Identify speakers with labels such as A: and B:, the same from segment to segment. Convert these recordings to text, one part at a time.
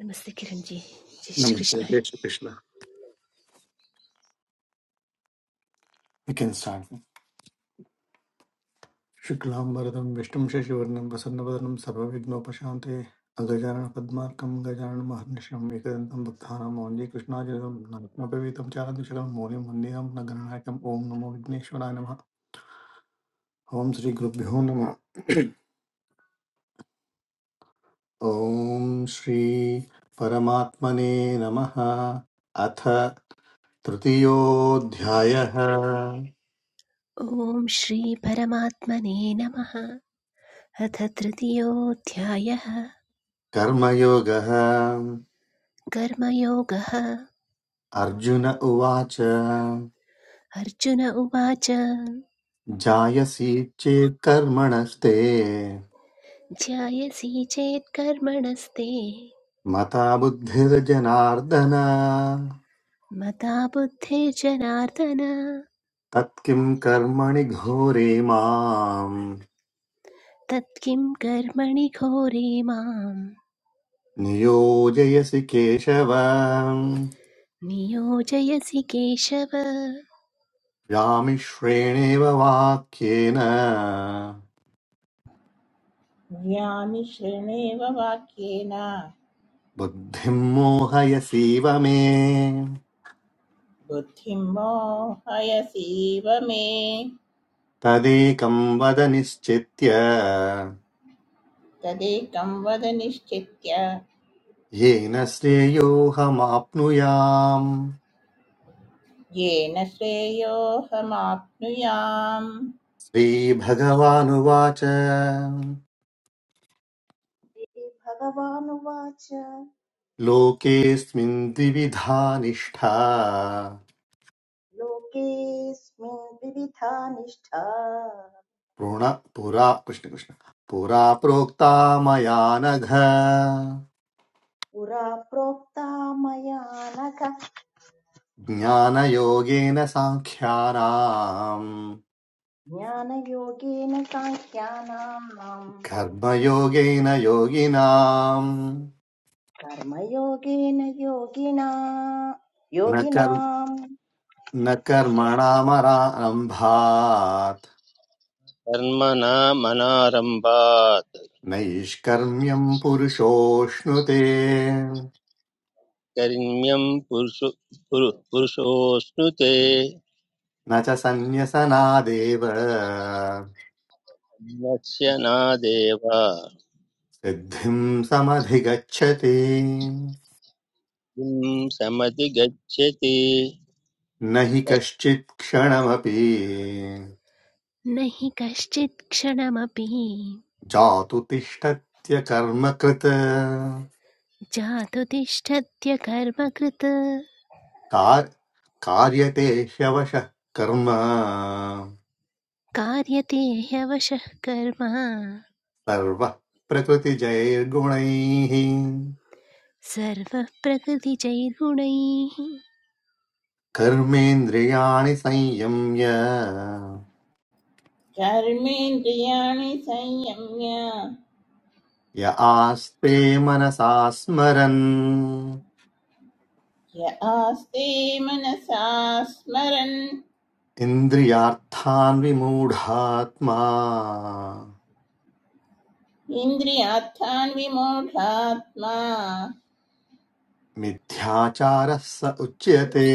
A: नमस्ते किरण जी जय Shri Krishna
B: We can start. Shuklam Bharadam Vishtum Shashivarnam Vasannavadhanam Sarvavignopashante Azajarana Padmarkam Gajarana Maharnisham Ekadantam Bhakthanam Onji Krishnajaram Natnapavitam Charandushram Moniam Mandiram Nagaranakam Om Namo Vigneshwaraya Namaha Om Sri Gurubhyo Namaha Om Sri Paramatmane Namaha अथ तृतीयोऽध्यायः
A: ओम श्री परमात्मने नमः अथ तृतीयोऽध्यायः
B: कर्मयोगः
A: कर्मयोगः
B: अर्जुन उवाच
A: अर्जुन उवाच
B: जायसी चेत् कर्मणस्ते
A: ध्यायसि चेत् कर्मणस्ते
B: मता बुद्धिर्जनार्दन
A: मता बुद्धिर्जनार्दन
B: तत्किं कर्मणि घोरे माम्
A: तत्किं कर्मणि घोरे मां
B: नियोजयसि केशव
A: नियोजयसि केशव
B: व्यामिश्रेणेव वाक्येन
C: ज्ञानि श्रेणेव वाक्येन
B: बुद्धिं मोहयसीव मे
C: बुद्धिं मोहयसीव मे
B: तदेकं वद निश्चित्य
C: तदेकं वद निश्चित्य
B: येन श्रेयोऽहमाप्नुयाम्
C: येन श्रेयोऽहमाप्नुयाम्
B: श्रीभगवानुवाच
D: श्रीभगवानुवाच
B: लोकेऽस्मिन् द्विविधा निष्ठा
D: लोकेऽस्मिन् विविधा निष्ठा
B: पुण पुरा कृष्णकृष्ण पुरा प्रोक्ता मया नघ
D: पुरा प्रोक्ता मया नघ
B: ज्ञानयोगेन साङ्ख्यानाम्
D: ज्ञानयोगेन साङ्ख्यानाम्
B: कर्मयोगेन योगिनाम्
D: कर्मयोगेन योगिना
B: न कर्म
D: योगिनाम्
B: न
D: कृष्ण
B: कर्मणामरारम्भात्
E: कर्मणा मनारम्भात्
B: नैष्कर्म्यम् पुरुषोऽश्नुते
E: कर्म्यं पुरुषो पुरु- पुरुषोऽश्नुते
B: न च सन्न्यसनादेव
E: मनस्य नादेव किं
B: सिद्धिं समधिगच्छति
E: समति गच्छति
B: न हि
E: कृष्णं
B: कश्चित् क्षणमपि
A: न हि कश्चित् क्षणमपि
B: जातु तिष्ठत्य कर्म कृत
A: जातु तिष्ठत्य कर्मकृत्
B: कार् कार्यते ह्यवशः कर्म
A: कार्यते ह्यवशः कर्म
B: सर्वः प्रकृतिजैर्गुणैः
A: सर्वः प्रकृतिजैर्गुणैः
B: कर्मेन्द्रियाणि संयम्य
C: कर्मेन्द्रियाणि संयम्य
B: य आस्ते मनसा स्मरन्
C: य आस्ते मनसा स्मरन्
B: इन्द्रियार्थान्विमूढात्मा
C: इन्द्रियार्थान् विमूढात्मा
B: मिथ्याचारः स उच्यते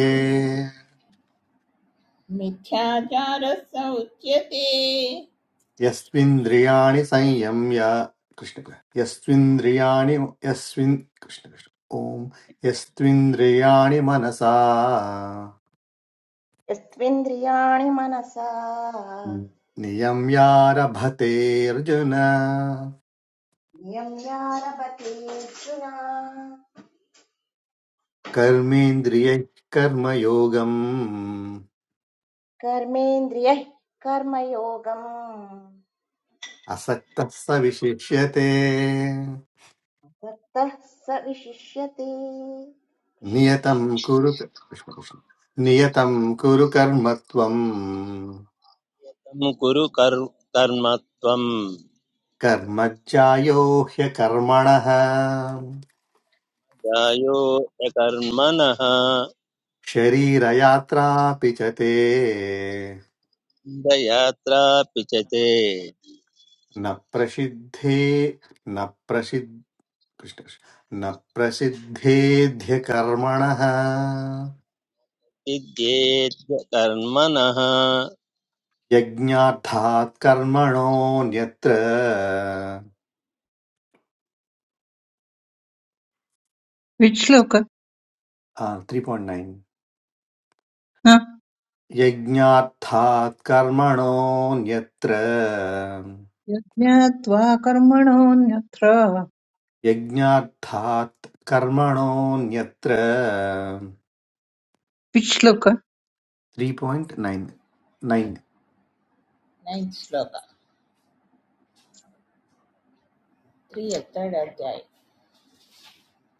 C: मिथ्याचारः स उच्यते
B: यस्विन्द्रियाणि संयम्य कृष्ण यस्विन्द्रियाणि यस्विन् कृष्ण कृष्ण ॐ यस्त्विन्द्रियाणि मनसा
D: यस्त्विन्द्रियाणि मनसा
B: नियम्यारभते अर्जुन
D: नियम्यारभतेऽर्जुन
B: कर्मेन्द्रियैः कर्मयोगम्
D: कर्मेन्द्रियः कर्मयोगम्
B: असक्तः स विशिष्यते
D: दत्तः स विशिष्यते कृष्ण
B: नियतं
D: कृष्ण
B: कुरु कृष्ण कृष्ण नियतं कुरु कर्म त्वं
E: कुरु कर् कर्म त्वं
B: कर्मज्जायो ह्यकर्मणः
E: जायो य कर्मणः
B: शरीरयात्रापि च ते
E: यात्रा पिचते
B: न प्रसिद्धे न प्रसिद्ध कृष्ण कृष्ण। न प्रसिद्धेध्यकर्मणः
E: सिद्ध्येद्य कर्मणः
B: यज्ञार्थात् कर्मणोऽन्यत्र
F: विश्लोक
B: त्री
F: न
B: यज्ञार्थात् कर्मणोऽन्यत्र
F: यज्ञात्वा कर्मणोऽन्यत्र
B: यज्ञार्थात् कर्मणोऽन्यत्र
F: विश्लोक
B: three point nine nine
C: ninth shloka three अध्याय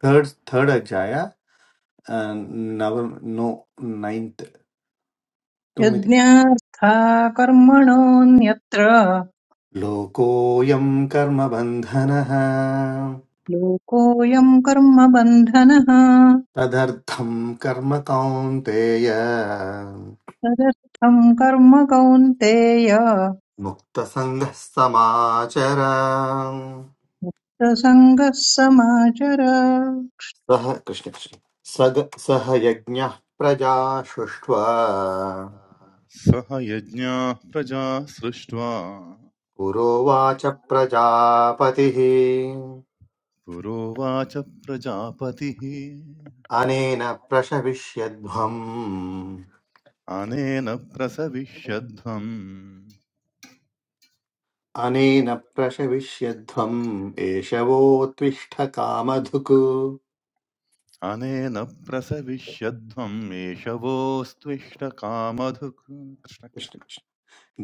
B: थर्ड् थर्ड अध्याय नव नो नैन्त् तुम्मिति
F: यज्ञार्था कर्मणोऽन्यत्र
B: लोकोऽयं कर्मबन्धनः
F: लोकोऽयं कर्मबन्धनः
B: तदर्थं कर्म कौन्तेय
F: तदर्थं कर्म कौन्तेय
B: मुक्तसङ्गः समाचर
F: सङ्गः समाचर
B: सः कृष्णकृष्ण सग सह यज्ञः प्रजा सृष्ट्वा
G: सह यज्ञाः प्रजा सृष्ट्वा
B: पुरोवाच प्रजापतिः
G: पुरोवाच प्रजापतिः
B: अनेन प्रशविष्यध्वम्
G: अनेन प्रसविष्यध्वम्
B: अनेन प्रशविष्यध्वम् एषवोत्तिष्ठ कामधुक्
G: अनेन प्रसविष्यध्वम् एषवोऽस्त्विष्टकामधुक् कृष्ण कृष्ण।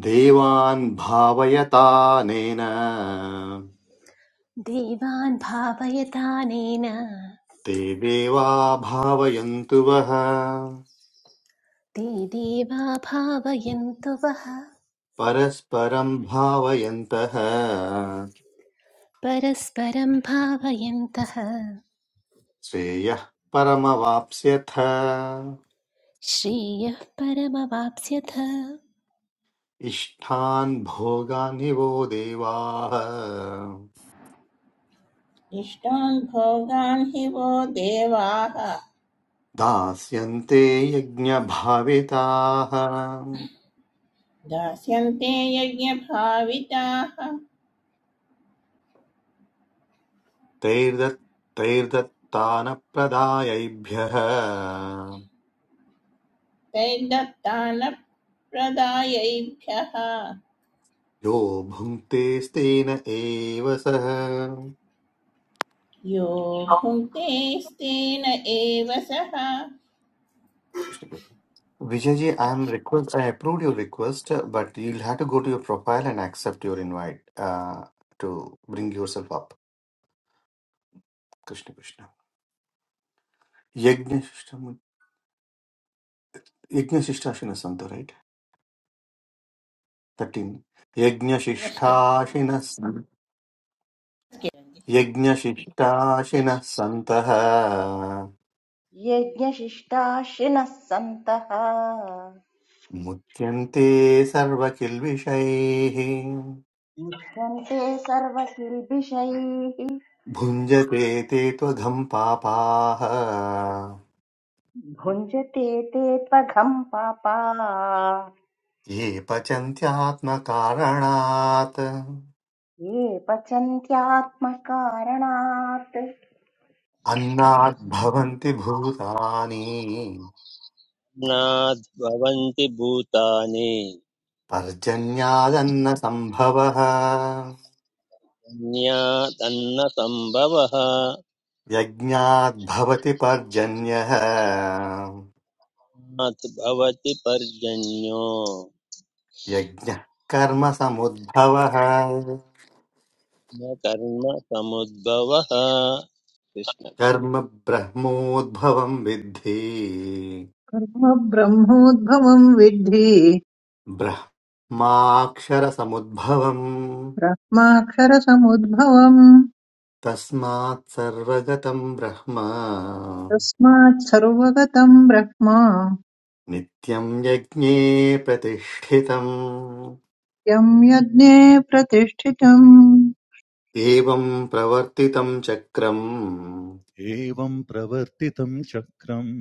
B: देवान् भावयतानेन
A: देवान् भावयतानेन
B: ते देवा भावयन्तु वः
A: ते देवा भावयन्तु वः
B: परस्परम् भावयन्तः
A: परस्परं भावयन्तः
B: श्रेयः परमवाप्स्यथ
A: श्रेयः परमवाप्स्यथ
B: इष्ठान् भोगानि वो देवाः
C: इष्टान् भोगान् हि वो देवाः
B: दास्यन्ते यज्ञभाविताः
C: दास्यन्ते यज्ञभाविताः
B: तैर्दत् तैर्दत्तानप्रदायैभ्यः
C: तैर्दत्तानप्रदायैभ्यः
B: यो भुङ्क्तेस्तेन एव सः
C: यो भुङ्क्ते स्तेन एव सः
B: Vijay ji, I am request. I approved your request, but you'll have to go to your profile and accept your invite uh, to bring yourself up. Krishna Krishna. Yagnashtam- Yagnashishtashinas Santa, right? 13.
C: Just-
B: Yagnashishtashinas Sant- Yagnashishtashinas Santah
D: यज्ञशिष्टाशिनः सन्तः
B: Mutyante Sarvakilvishaihi
D: मुह्यन्ते सर्वकिल्बिषैः
B: Bhunjate Te Tvagam Papaha
D: भुञ्जते ते त्वघम् पापा
B: Ye Pachanthyatma Karanat
D: ये पचन्त्यात्मकारणात्
B: Annat Bhavanti Bhutani
E: नाद्भवन्ति भूतानि अन्यादन्न सम्भवः
B: यज्ञाद्भवति पर्जन्यः
E: मात् भवति पर्जन्यो
B: यज्ञः कर्मसमुद्भवः
E: न कर्म समुद्भवः कृष्ण कृष्ण।
B: कर्म ब्रह्मोद्भवम् विद्धि
F: कर्म ब्रह्मोद्भवं विद्धि
B: ब्रह्माक्षरसमुद्भवम्
F: ब्रह्माक्षरसमुद्भवम्
B: तस्मात् सर्वगतम् ब्रह्म
F: तस्मात् सर्वगतं ब्रह्म
B: नित्यम् यज्ञे प्रतिष्ठितम्
F: यं यज्ञे प्रतिष्ठितम्
B: एवम् प्रवर्तितम् चक्रम्
G: एवम् प्रवर्तितम् चक्रम्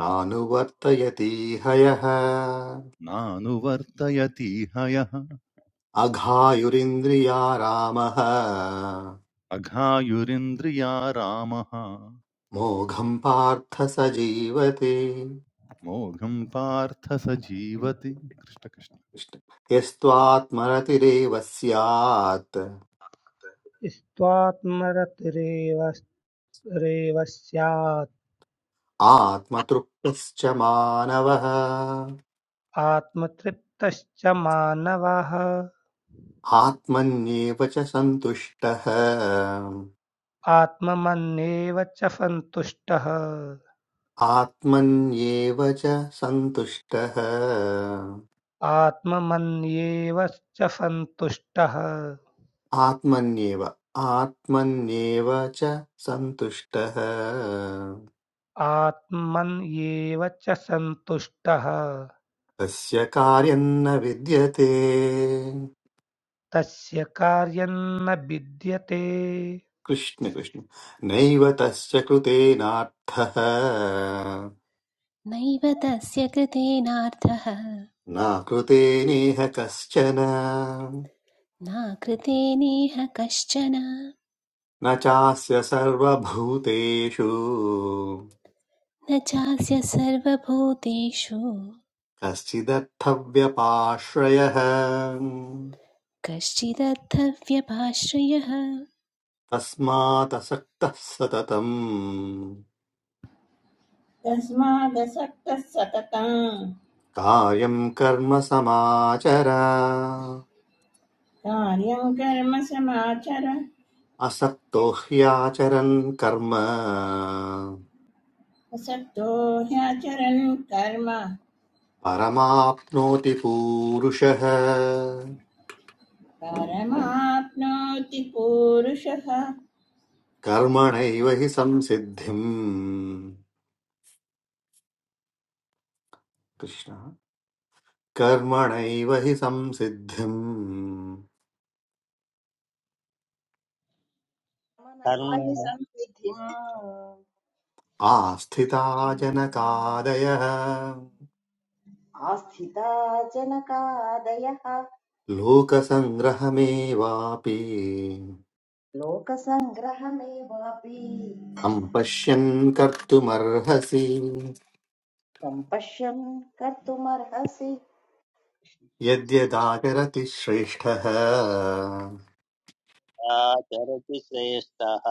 B: नानुवर्तयति हयः
G: नानुवर्तयतीह यः
B: अघायुरिन्द्रिया रामः
G: अघायुरिन्द्रिया रामः
B: मोघम् पार्थ स जीवते
G: मोघम् पार्थ स जीवति कृष्णकृष्ण
B: यस्त्वात्मरतिरेव स्यात्
H: स्त्वात्मरतिरेवस्यात्
B: आत्मतृप्तश्च मानवः
H: आत्मतृप्तश्च मानवः
B: आत्मन्येव च सन्तुष्टः
H: आत्ममन्येव च सन्तुष्टः
B: आत्मन्येव च सन्तुष्टः
H: आत्ममन्येव च सन्तुष्टः
B: आत्मन्येव आत्मन्येव च सन्तुष्टः
H: आत्मन्येव च सन्तुष्टः
B: तस्य कार्यन्न विद्यते
H: तस्य कार्यं न विद्यते
B: कृष्ण कृष्ण नैव तस्य कृतेनार्थः
A: नैव तस्य कृतेनार्थः
B: नाकृते नेह कश्चन
A: नाकृतेनेह कश्चन
B: न चास्य सर्वभूतेषु
A: न चास्य सर्वभूतेषु
B: कश्चिदर्थव्यपाश्रयः
A: कश्चिदर्थव्यपाश्रयः
B: तस्मादसक्तः सततम्
C: तस्मादसक्तः सततम्
B: कार्यम् कर्म समाचर
C: कार्यं कर्म समाचर
B: असक्तो ह्याचरन् कर्म
C: असक्तो ह्याचरन् कर्म
B: परमाप्नोति पूरुषः
C: परमाप्नोति पूरुषः
B: कर्मणैव हि संसिद्धिम् कृष्ण कर्मणैव हि संसिद्धिम्
D: मनैव
E: कर्म
D: हि
E: न
D: संसिद्धिम्
B: आस्थिता जनकादयः
D: आस्थिता जनकादयः
B: लोकसङ्ग्रहमेवापि
D: लोकसङ्ग्रहमेवापि
B: सम्पश्यन् कर्तुमर्हसि
D: सम्पश्यन् कर्तुमर्हसि
B: यद्यदाचरति श्रेष्ठः
E: आचरति श्रेष्ठः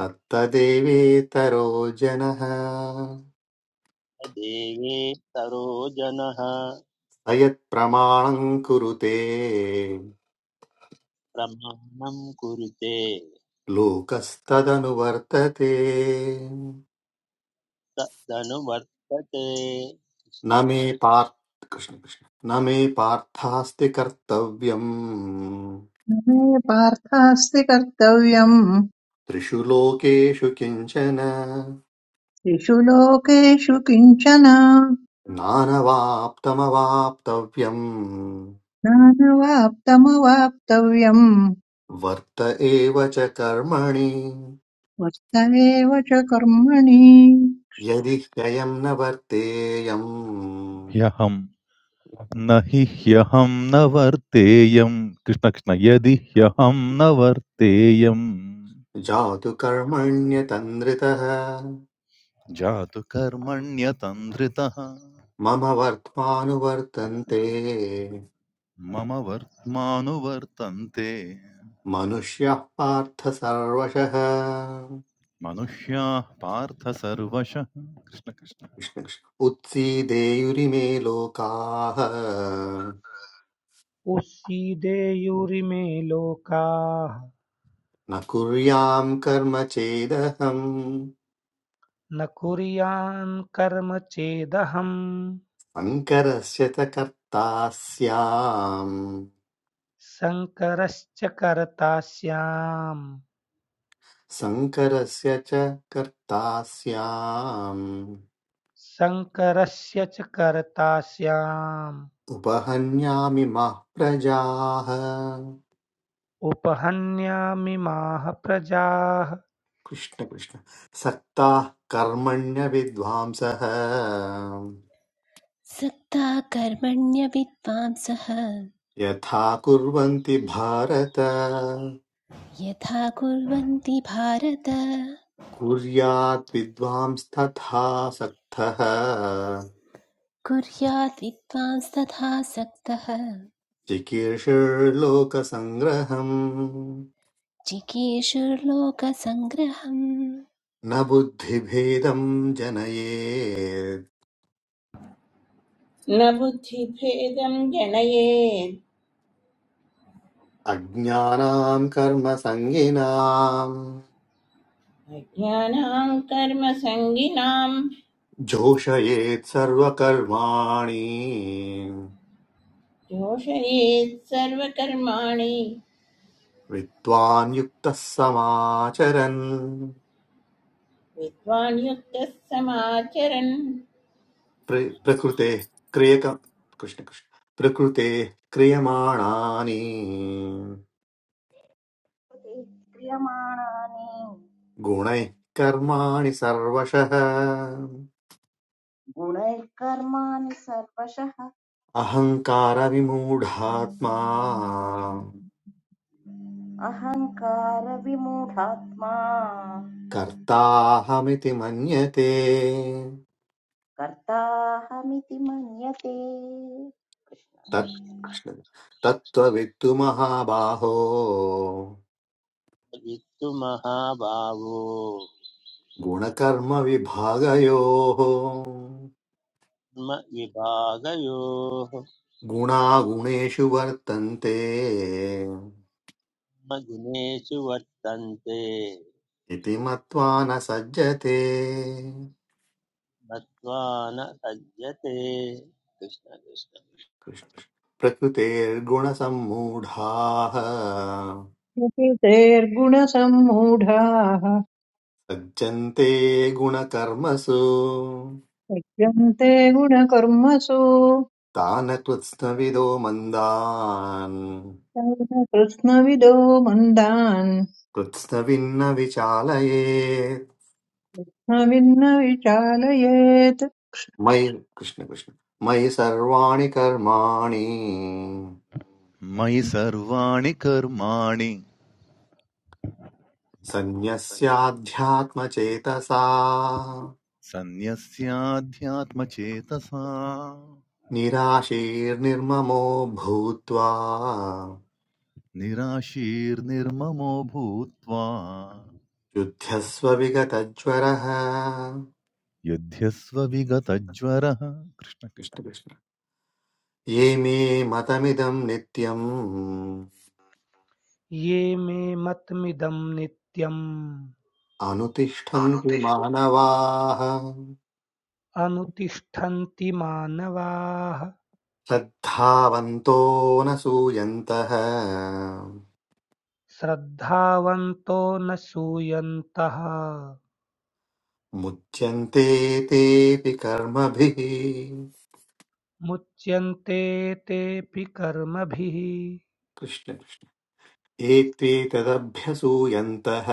B: तत्तदेवेतरो जनः
E: देवी सरोजनः
B: अयत् प्रमाणं कुरुते
E: प्रमाणं कुरुते
B: लोकस्तदनुवर्तते
E: तदनुवर्तते कृष्ण
B: न मे
E: कृष्ण
B: पार्थ कृष्ण कृष्ण न मे पार्थास्ति कर्तव्यम्
F: न मे पार्थास्ति कर्तव्यम्
B: त्रिषु लोकेषु किञ्चन
F: त्रिषु लोकेषु किञ्चन
B: नानवाप्तमवाप्तव्यम्
F: नानवाप्तमवाप्तव्यम्
B: वर्त एव च कर्मणि
F: वर्त एव च कर्मणि
B: यदि ह्ययम् न वर्तेयम्
G: ह्यहम् न हि ह्यहं न वर्तेयं कृष्ण कृष्ण यदि ह्यहं न वर्तेयं
B: जातु कर्मण्यतन्द्रितः
G: जातु कर्मण्यतन्द्रितः
B: मम वर्त्मानुवर्तन्ते
G: मम वर्त्मानुवर्तन्ते
B: मनुष्यः पार्थ सर्वशः
G: मनुष्याः पार्थ सर्वशः कृष्ण कृष्ण
B: कृष्ण कृष्ण। उत्सीदेयुरिमे लोकाः
H: उस्सीदेयुरिमे लोकाः
B: न कुर्याम् कर्म चेदहम्
H: न कुर्यान् कर्म चेदहम्
B: शङ्करस्य च कर्ता स्याम्
H: शङ्करस्य कर्तास्याम्
B: शङ्करस्य च कर्ता स्याम्
H: शङ्करस्य च कर्तास्याम्
B: उपहन्यामि मः प्रजाः
H: उपहन्यामिमाः प्रजाः
B: कृष्ण कृष्ण सक्ताः कर्मण्य विद्वांसः
A: सक्ता कर्मण्यविद्वांसः
B: यथा कुर्वन्ति भारत
A: यथा कुर्वन्ति भारत
B: कुर्यात् विद्वांस्तथा सक्तः
A: कुर्यात् विद्वांस्तथा सक्तः
B: चिकीर्षुर्लोकसङ्ग्रहम्
A: जिकीर्षुर्लोकसङ्ग्रहम्
B: न बुद्धिभेदं जनयेत्
C: न बुद्धिभेदं जनयेत्
B: अज्ञानां कर्मसङ्गिनाम्
C: अज्ञानां कर्मसङ्गिनां
B: जोषयेत् सर्वकर्माणि
C: योषयेत् सर्वकर्माणि
B: विद्वान् युक्तः समाचरन्
C: विद्वान् युक्तः समाचरन्
B: प्र- प्रकृतेः क्रियक कृष्ण कृष्ण प्रकृतेः क्रियमाणानि
D: ते क्रियमाणानि
B: गुणैः कर्माणि सर्वशः
D: गुणैः कर्माणि सर्वशः
B: अहङ्कारविमूढात्मा
D: अहङ्कारविमूढात्मा
B: कर्ताहमिति मन्यते
D: कर्ताहमिति मन्यते कृष्ण
B: तत्
D: कृष्ण।
B: कृष्ण तत्त्ववित्तु महाबाहो
E: वित्तुमहाभावो
B: गुणकर्मविभागयोः
E: कर्म विभागयोः
B: गुणागुणेषु वर्तन्ते
E: कर्म गुणेषु वर्तन्ते
B: इति मत्वा न सज्जते
E: मत्वा न सज्जते कृष्ण कृष्ण
B: कृष्ण- प्रकृतेर्गुणसम्मूढाः
F: प्रकृतेर्गुणसम्मूढाः
B: सज्जन्ते गुणकर्मसु
F: सज्जन्ते गुणकर्मसु
B: तान् कृत्स्नविदो मन्दान्
F: तेन कृत्स्नविदो मन्दान्
B: कृत्स्नविन्न विचालयेत्
F: न विन्न विचालयेत्
B: मयि कृष्ण कृष्ण मयि सर्वाणि कर्माणि
G: मयि सर्वाणि कर्माणि
B: सन्न्यस्याध्यात्मचेतसा
G: सन्न्यस्याध्यात्मचेतसा
B: निराशीर्निर्ममो भूत्वा
G: निराशीर्निर्ममो भूत्वा
B: युध्यस्व विगतज्वरः
G: युध्यस्व विगतज्वरः कृष्ण कृष्ण
B: ये मे मतमिदं नित्यम्
H: ये मे मतमिदं नित्यम्
B: अनुतिष्ठन्ति
H: अनुतिष्ठ
B: मानवाः
H: अनुतिष्ठन्ति मानवाः
B: श्रद्धावन्तो न सूयन्तः
H: श्रद्धावन्तो न सूयन्तः
B: मुच्यन्ते तेऽपि कर्मभिः
H: मुच्यन्ते तेऽपि कर्मभिः
B: कृष्ण कृष्ण। ये तदभ्यसूयन्तः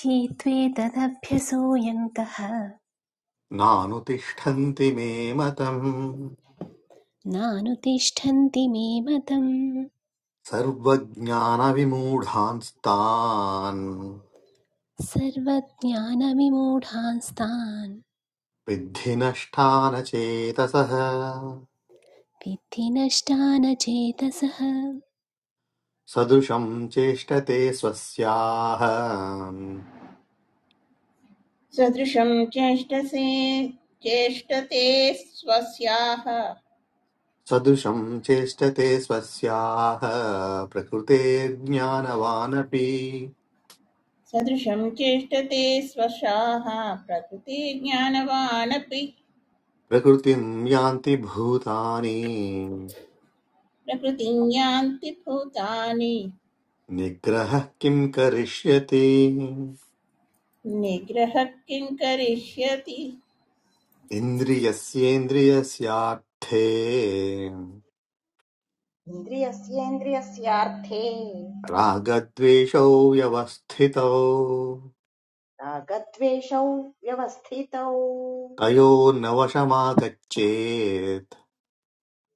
A: हीत्वेतदभ्यसूयन्तः
B: नानुतिष्ठन्ति मे मतम्
A: नानुतिष्ठन्ति मे मतम्
B: सर्वज्ञानविमूढांस्तान्
A: सर्वज्ञानविमूढांस्तान्
B: विद्धि नष्टान चेतसः
A: विद्धि नष्टान चेतसः
B: सदृशं चेष्टते स्वस्याः
C: सदृशं चेष्टसे चेष्टते स्वस्याः
B: सदृशं चेष्टते स्वस्याः प्रकृतेर्ज्ञानवानपि
C: सदृशं चेष्टते स्वशाः प्रकृतिज्ञानवानपि
B: प्रकृतिं यान्ति भूतानि
C: प्रकृतिं यान्ति भूतानि
B: निग्रहः किं करिष्यति
C: निग्रहः किं करिष्यति
B: इन्द्रियस्येन्द्रियस्यार्थे
D: इन्द्रियस्येन्द्रियस्यार्थे
B: रागद्वेषौ व्यवस्थितौ
D: रागद्वेषौ व्यवस्थितौ
B: तयोर्नवशमागच्छेत्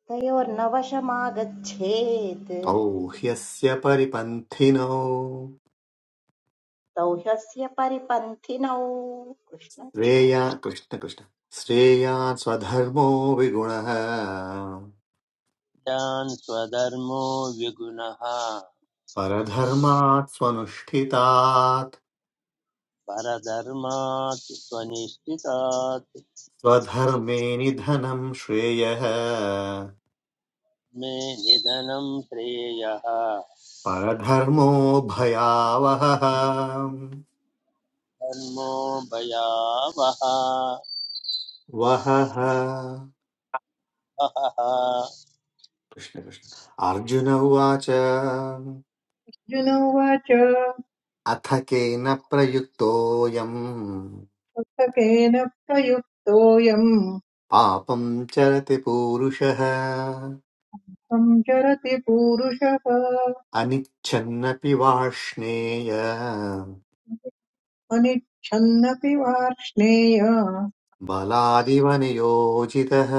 D: तयोर्न वशमागच्छेत्
B: तौ ह्यस्य परिपन्थिनौ
D: तौ ह्यस्य परिपन्थिनौ कृष्ण कृष्ण
B: श्रेया कृष्ण कृष्ण श्रेयान् स्वधर्मो विगुणः
E: यान् स्वधर्मो विगुणः
B: परधर्मात् स्वनुष्ठितात्
E: परधर्मात् स्वनिष्ठितात्
B: स्वधर्मे निधनं श्रेयः
E: मे निधनं श्रेयः
B: परधर्मो भयावहः
E: धर्मो भयावः
B: वहः
E: अहः
B: अर्जुन उवाच
F: अर्जुन उवाच
B: अथ केन प्रयुक्तोऽयम्
F: पुस्तकेन प्रयुक्तोऽयम्
B: पापं चरति पूरुषः
F: संचरति पूरुषः
B: अनिच्छन्नपि वाष्णेय
F: अनिच्छन्नपि वार्ष्णेय
B: बलादिव नियोजितः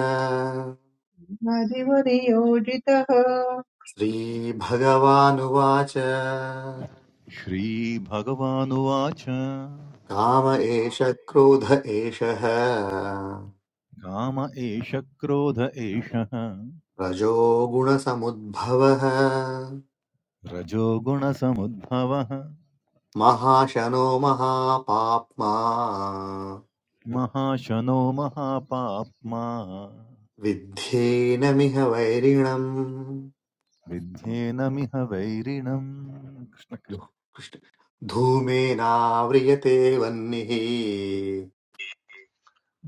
F: नादिव नियोजितः
B: श्रीभगवानुवाच
G: श्रीभगवानुवाच
B: काम एष क्रोध एषः
G: काम एष क्रोध एषः
B: रजोगुणसमुद्भवः
G: रजोगुणसमुद्भवः
B: महाशनो महापाप्मा
G: महाशनो महापाप्मा
B: विद्धेनमिह वैरिणम्
G: विध्येनमिह वैरिणम् कृष्ण कृष्ण
B: धूमेनाव्रियते वह्निः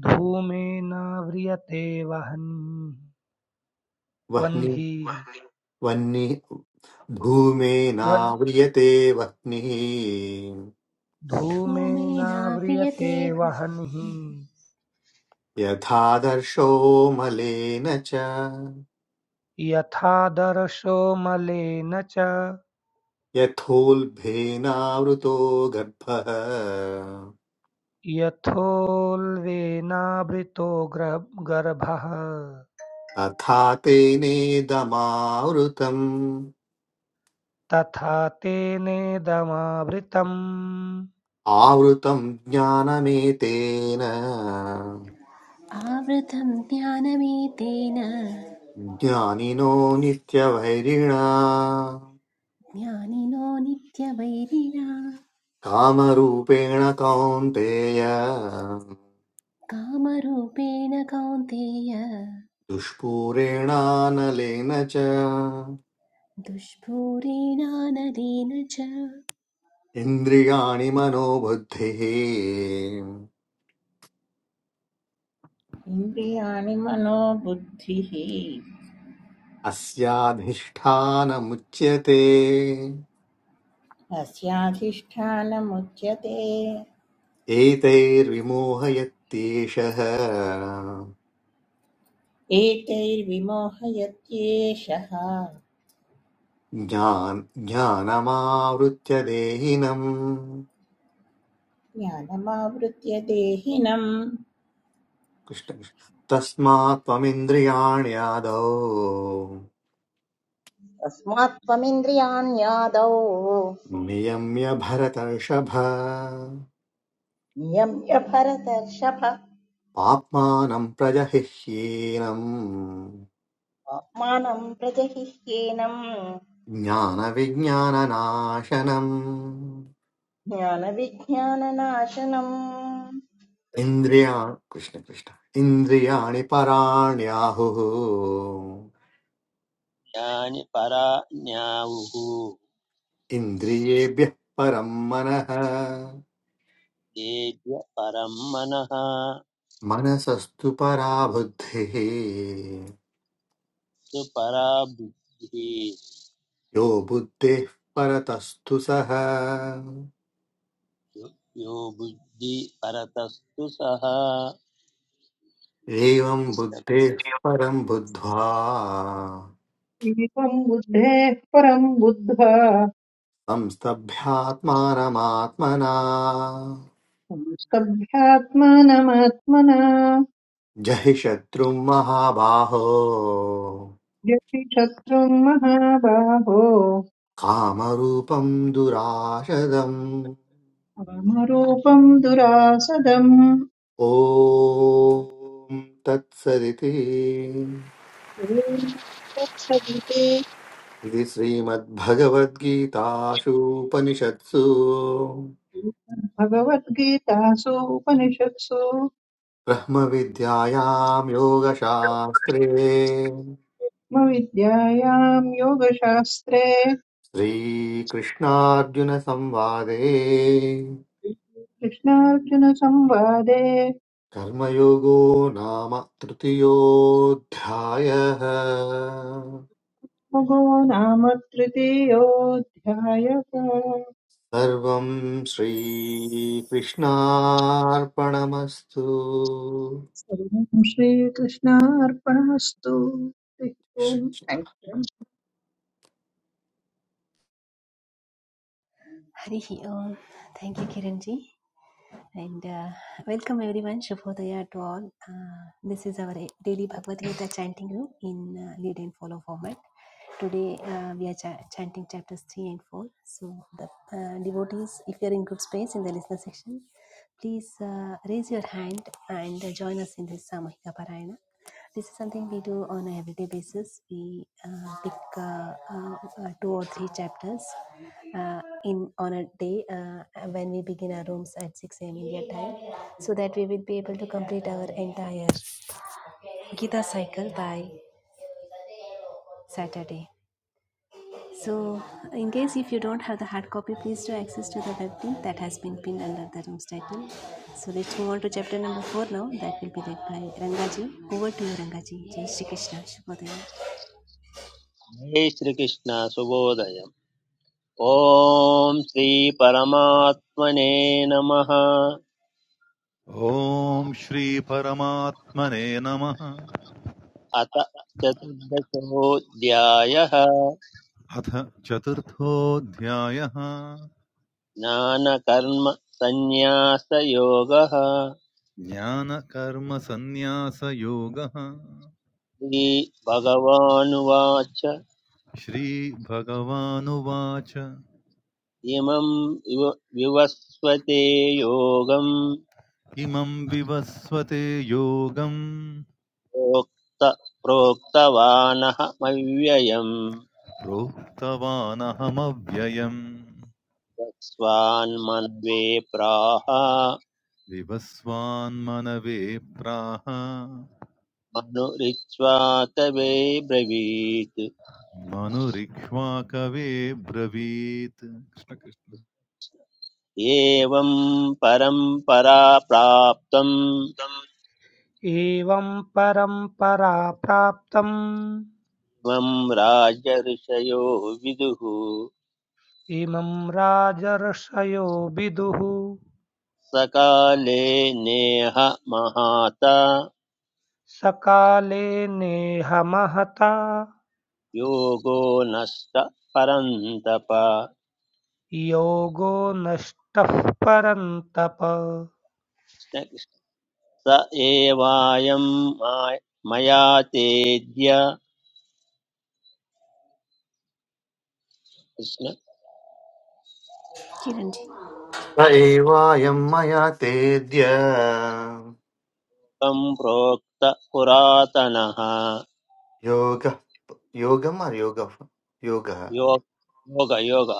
H: धूमेन व्रियते वह्निः
B: वह्नि
H: वह्निः
B: वह्नि
H: वल्धूमेनाव्रियते
B: धूमेनाव्रियते वह्निः
A: धूमेनाव्रियते
H: वह्निः
B: यथादर्शो मलेन च
H: यथादर्शो मलेन च
B: यथोल्बेनावृतो गर्भः
H: यथोल्बेनावृतो ग्र- गर्भः
B: तथा तेनेदमावृतम्
H: तथा तेनेदमावृतम्
B: आवृतम् ज्ञानमेतेन
A: आवृतं ज्ञानमेतेन
B: ज्ञानिनो नित्यवैरिणा
A: ज्ञानिनो नित्यवैरिणा
B: कामरूपेण कौन्तेय
A: कामरूपेण कौन्तेय
B: दुष्पूरेणानलेन च
A: दुष्पूरेणानलेन च
B: इन्द्रियाणि मनोबुद्धिः
C: इन्द्रियाणि मनोबुद्धिः
B: अस्याधिष्ठानमुच्यते
C: अस्याधिष्ठानमुच्यते
B: एतैर्विमोहयत्येषः
C: एतैर्विमोहयत्येषः
B: ज्ञान ज्ञानमावृत्य देहिनम्
C: ज्ञानमावृत्य देहिनम्
B: कृष्ण कृष्ण। तस्मात् त्वमिन्द्रियाण्यादौ
D: तस्मात् त्वमिन्द्रियाण्यादौ
B: नियम्य भरतर्षभ
D: नियम्य भरतर्षभ
B: आत्मानं प्रजहिह्येनम्
D: आत्मानं प्रजहिह्येनम्
B: ज्ञानविज्ञाननाशनम्
D: ज्ञानविज्ञाननाशनम्
B: इन्द्रिया कृष्ण कृष्ण इन्द्रियाणि पराण्याहुः
E: ज्ञानि परा ज्ञावुः
B: इन्द्रियेभ्यः परं मनः
E: तेभ्य परं मनः
B: मनसस्तु परा बुद्धिः
E: सुपरा बुद्धिः
B: यो बुद्धेः परतस्तु सः
E: यो बुद्धि परतस्तु सः
B: एवं
E: कृष्ण-
B: बुद्धेः परं बुद्ध्वा
F: एवम् बुद्धेः परम् बुद्ध्वा
B: संस्तभ्यात्मानमात्मना
F: संस्तभ्यात्मानमात्मना
B: जहि शत्रुं महाबाहो
F: यति शत्रुम् महाबाहो
B: कामरूपं दुराशदम्
F: कामरूपम् दुरासदम्
B: ॐ तत्सदिति
F: ॐ तत्सदिते
B: इति श्रीमद्भगवद्गीतासु उपनिषत्सु
F: भगवद्गीतासु उपनिषत्सु
B: ब्रह्मविद्यायां योगशास्त्रे
F: विद्यायाम् योगशास्त्रे
B: श्रीकृष्णार्जुनसंवादे
F: कृष्णार्जुनसंवादे
B: कर्मयोगो नाम तृतीयोऽध्यायः
F: मुगो नाम तृतीयोऽध्यायः
B: सर्वं श्रीकृष्णार्पणमस्तु
F: सर्वं श्रीकृष्णार्पणमस्तु हरिः ओम्।
B: स
F: Thank you.
A: हरिः ओम् thank you Kiranji And uh, welcome everyone, Shubhodaya to all. Uh, this is our daily Bhagavad Gita chanting room in uh, lead and follow format. Today uh, we are cha- chanting chapters 3 and 4. So, the uh, devotees, if you are in group space in the listener section, please uh, raise your hand and uh, join us in this Samahika Parayana. This is something we do on a everyday basis. We uh, pick uh, uh, uh, two or three chapters uh, in on a day uh, when we begin our rooms at 6 a.m. India time, so that we will be able to complete our entire Gita cycle by Saturday. So, in case if you don't have the hard copy, please do access to the web link that has been pinned under the room's title. So let's move on to chapter number four now. That will be led by Rangaji. Over to you, Rangaji. Jai Shri Krishna. Shubhodaya.
E: जय श्रीकृष्ण सुबोधय ॐ श्रीपरमात्मने नमः
G: ॐ श्रीपरमात्मने नमः
E: अथ चतुर्दशोऽध्यायः
G: अथ चतुर्थोऽध्यायः
E: ज्ञानकर्म सन्न्यासयोगः
G: ज्ञानकर्मसन्न्यासयोगः
E: श्रीभगवानुवाच
G: श्री श्रीभगवानुवाच
E: इमं विवस्वते योगं
G: इमं विवस्वते योगं
E: प्रोक्त प्रोक्तवानहमव्ययम्
G: प्रोक्तवानहमव्ययम्
E: स्वान्मन्वे प्राह
G: विवस्वान्मनवे प्राह
E: मनुरिच्वा तवे ब्रवीत्
G: मनुरिक्ष्वाकवे ब्रवीत्
E: एवं परम्परा प्राप्तं
H: एवं परम्परा प्राप्तम्
E: त्वं राजऋषयो विदुः
H: इमं राजर्षयो विदुः
E: सकाले नेह महाता
H: सकाले नेह महता
E: योगो नष्ट परन्तप
H: योगो नष्टः परन्तप
E: स एवायं मा- मया तेद्य कृष्ण
A: Kiranji.
B: एवायं मया तेद्य
E: त्वं प्रोक्त पुरातनः
B: योगः योगम् अर् योगः योगः
E: योग योग योग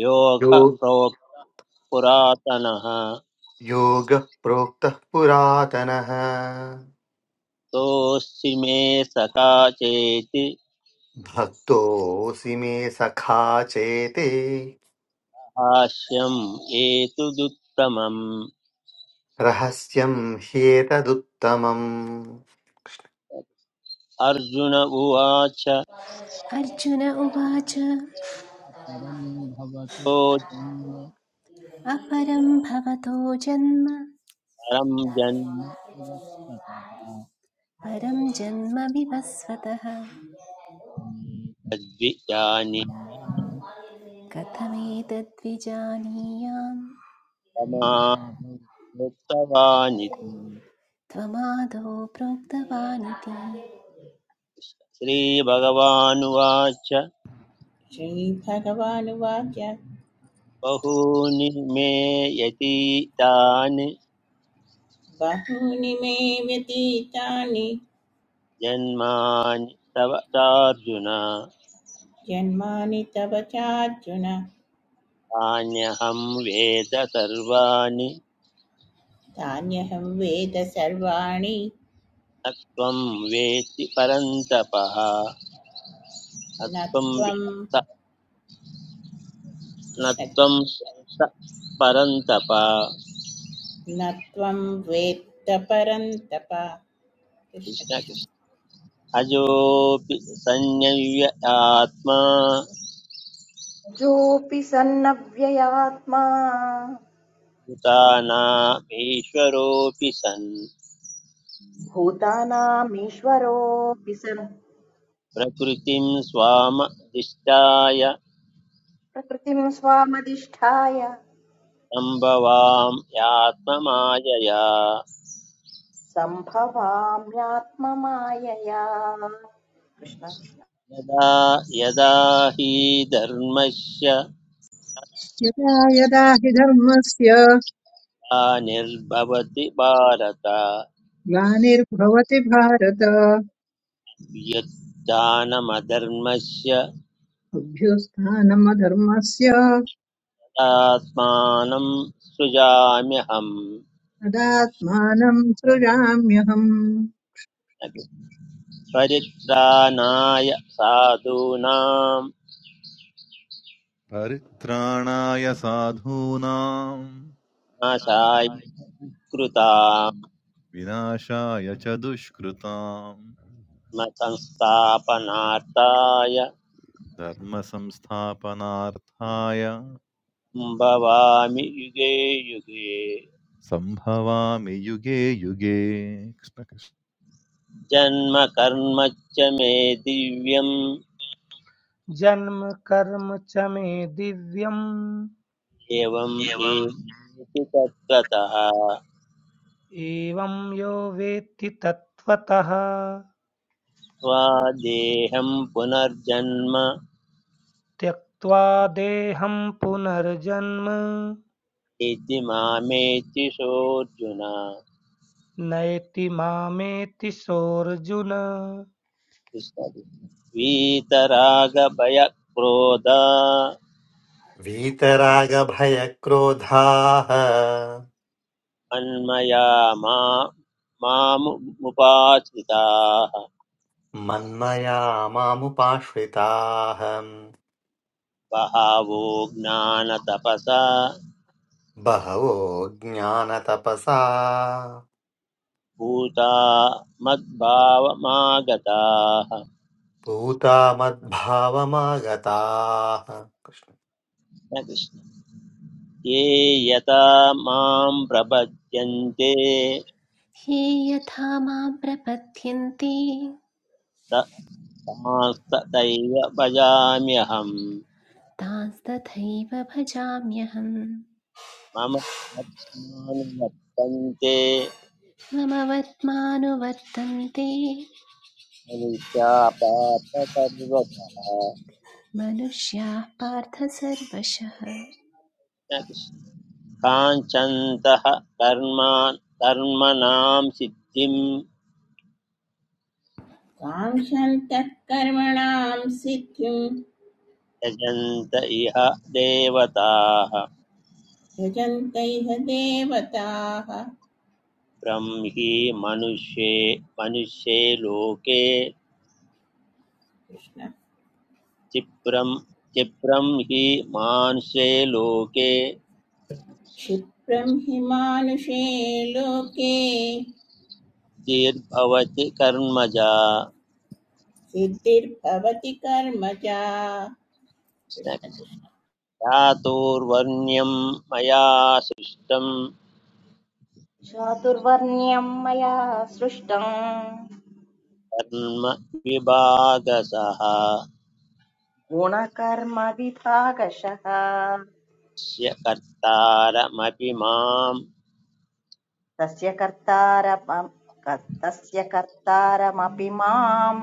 E: योग
B: यो
E: प्रोक्त पुरातनः
B: योगः प्रोक्तः पुरातनः
E: तोऽसि मे सखा चेति
B: भक्तोऽसि मे सखा चेते
E: हास्यम् एतदुत्तमम्
B: रहस्यं ह्येतदुत्तमम्
E: अर्जुन उवाच
A: Arjuna uvacha
E: अपरं भवतो तो जन्म
A: aparam bhavato janma
E: परं न जन्म इवस्ततः
A: परं जन्म विवस्वतः कथमेतद्विजानीयाम् त्वमादौ प्रोक्तवानिति
E: श्रीभगवानुवाच
C: श्रीभगवानुवाच
E: बहूनि मे यतीतानि
C: बहूनि मे व्यतीतानि
E: जन्मानि तव चार्जुन
C: जन्मानि तव चार्जुन
E: तान्यहं वेद सर्वाणि
C: तान्यहं वेद सर्वाणि
E: न त्वं वेत्ति परन्तपः न
C: न
E: त्वं
C: त्वं
E: वेत्त न त्वं
C: कृष्णकृष्ण
E: वेत्त परन्तप कृष्ण
C: न त्वं वेत्त परन्तप कृष्ण कृष्ण।
E: कृष्ण अजोऽपि संयव्य आत्मा
D: कृष्णजोऽपि सन्नव्ययात्मा
E: भूतानामीश्वरोऽपि सन्
D: भूतानामीश्वरोऽपि सन्
E: प्रकृतिं स्वामधिष्ठाय
D: प्रकृतिं स्वामधिष्ठाय
E: सम्भवां यात्ममायया
D: सम्भवाम्यात्ममायया कृष्ण कृष्ण
E: यदा
F: यदा यदा हि धर्मस्य
E: ग्लानिर्भवति भारत
F: ग्लानिर्भवति भारत
E: यद्दानमधर्मस्य
F: अभ्युत्थानमधर्मस्य
E: तदात्मानं सृजाम्यहम्
F: तदात्मानं सृजाम्यहम्
E: परित्राणाय साधूनां
G: परित्राणाय साधूनां
E: नाशाय
G: विनाशाय च दुष्कृतां
E: कृतात्मसंस्थापनार्थाय
G: धर्मसंस्थापनार्थाय
E: भवामि युगे युगे
G: सम्भवामि युगे युगे कृष्ण कृष्ण।
E: जन्म कर्म च मे दिव्यम्
H: जन्म कर्म च मे दिव्यम्
E: एवम्
H: एवं
E: एति तद्गतः
H: एवं यो वेत्ति तत्त्वतः
E: त्वा देहं पुनर्जन्म
H: त्यक्त्वा देहं पुनर्जन्म
E: इति मामेति सोऽर्जुन
H: नयति मामेति सोऽर्जुन
E: कृष्ण कृष्ण। वीतरागभयक्रोधा
B: वीतरागभयक्रोधाः
E: मन्मया मा मामुपाश्रिताः
B: मन्मया मामुपाश्रिताः
E: बहवो ज्ञानतपसा
B: बहवो ज्ञानतपसा
E: भूता मद्भावमागताः
B: पूता मद्भावमागताः कृष्ण।
E: ये यथा मां प्रपद्यन्ते
A: ये यथा मां प्रपद्यन्ते
E: त तथैव भजाम्यहम्
A: तांस्तथैव भजाम्यहम्
E: मम पद्मानुवर्तन्ते
A: मम
E: मनुष्या पात
A: मनुष्याः पार्थ सर्वशः
E: न काञ्चन्तः कर्मा कर्मणां सिद्धिं
C: काङ्क्षन्तः कर्मणां सिद्धिं
E: यजन्त इह देवताः
C: यजन्त इह देवताः
E: ब्रह्मि मनुष्ये मनुष्ये लोके
C: कृष्ण
E: क्षिप्रं क्षिप्रं हि मानुष्ये लोके
C: क्षिप्रं हि मानुषे लोके
E: दीर्भवति कर्मजा
C: सिद्धिर्भवति कर्मजा कृष्ण कृष्ण
E: चातुर्वर्ण्यं मया सृष्टं
D: चातुर्वर्ण्यं मया सृष्टम्
E: कर्म विभागसः अस्य
D: गुणकर्मविभागशः
E: कर्तारमपि मां च
D: तस्य कर्तारपं तस्य कर्तारमपि मां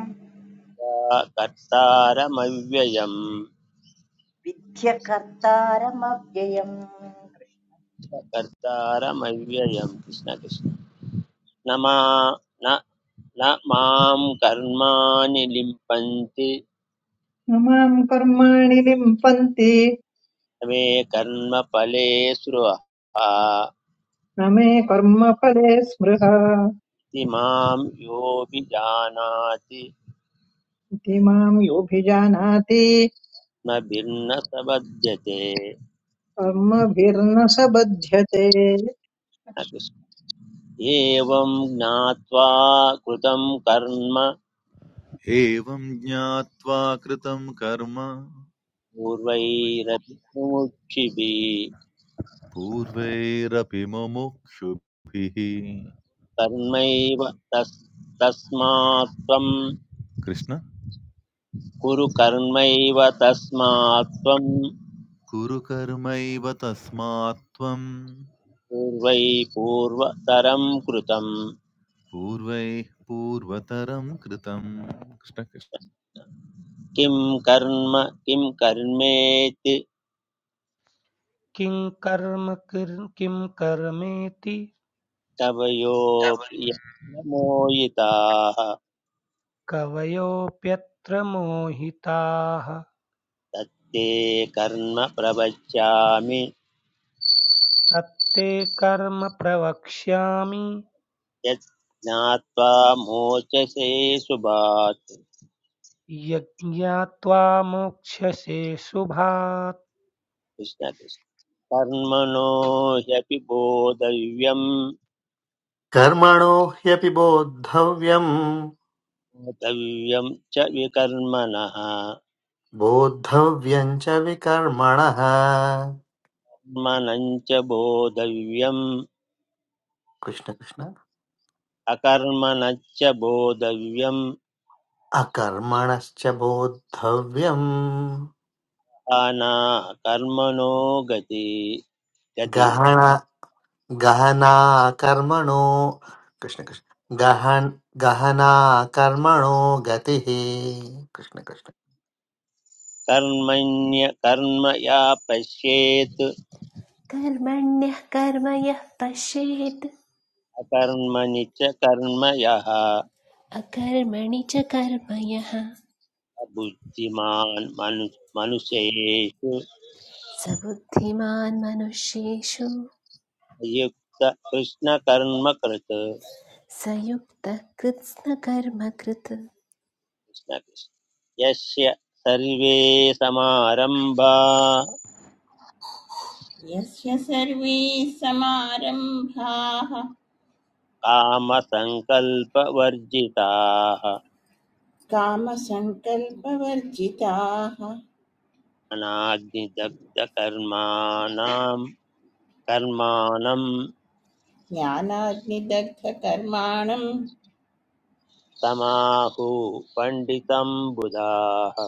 E: कर्तारमव्ययम्
D: विद्य कर्तारमव्ययम्
E: कर्तारमव्ययम् कृष्ण कृष्ण न मा न न मां कर्माणि लिम्पन्ति
F: न मां कर्माणि लिम्पन्ति
E: न मे कर्मफले स्रुवः
F: न मे कर्मफले स्मृह
E: इति मां योऽभिजानाति
F: इति मां योऽभिजानाति
E: न भिन्न स बध्यते
F: कर्मभिर्न स बध्यते
E: एवं ज्ञात्वा कृतं कर्म
G: एवं ज्ञात्वा कृतं कर्म
E: पूर्वैरपि मुमुक्षिभिः
G: पूर्वैरपि मुमुक्षुभिः
E: कर्मैव तस् तस्मात् त्वं
G: कृष्ण
E: कुरु कर्मैव तस्मात् त्वं
G: कुरु कर्मैव तस्मात् त्वं
E: पूर्वै पूर्वतरं कृतं
G: पूर्वैः पूर्वतरं कृतं कृष्ण कृष्ण।
E: किं कर्म किं कर्मेति
H: किं कर्म किर- किं कर्मेति तव
E: तवयोऽपि यत्र मोहिताः
H: कवयोऽप्यत्र मोहिताः
E: तत्ते कर्म प्रवक्ष्यामि
H: तत्ते कर्म प्रवक्ष्यामि
E: यत् ज्ञात्वा मोचसे सुभात्
H: यज्ञात्वा मोक्ष्यसे शुभात्
E: कृष्ण कृष्ण कर्मणो ह्यपि बोधव्यं
B: कर्मणो ह्यपि बोद्धव्यम्
E: बोधव्यं च विकर्मणः
B: बोद्धव्यम् च विकर्मणः
E: कर्मणं च बोधव्यम्
B: कृष्ण कृष्ण
E: अकर्मणश्च बोधव्यम्
B: अकर्मणश्च बोद्धव्यम्
E: अना कर्मणो गति गति
B: गहन गहना कर्मणो कृष्ण कृष्ण गहन गहना कर्मणो गतिः कृष्ण कृष्ण
E: कर्मण्य कर्म या पश्येत्
A: कर्मण्यः कर्म यः पश्येत्
E: अकर्मणि च कर्म यः
A: अकर्मणि च कर्म यः
E: बुद्धिमान् मनु मनुष्येषु
A: स बुद्धिमान् मनुष्येषु
E: युक्त कृष्णकर्मकृत्
A: सयुक्तः कृत्स्नकर्मकृत्
E: कृष्णकृष्ण यस्य सर्वे समारम्भा
C: यस्य सर्वे समारम्भाः
E: कामसङ्कल्पवर्जिताः
C: कामसङ्कल्पवर्जिताः
E: अनाग्निदग्धकर्माणां कर्माणं
C: ज्ञानाग्निदग्धकर्माणं
E: समाहु पण्डितं बुधाः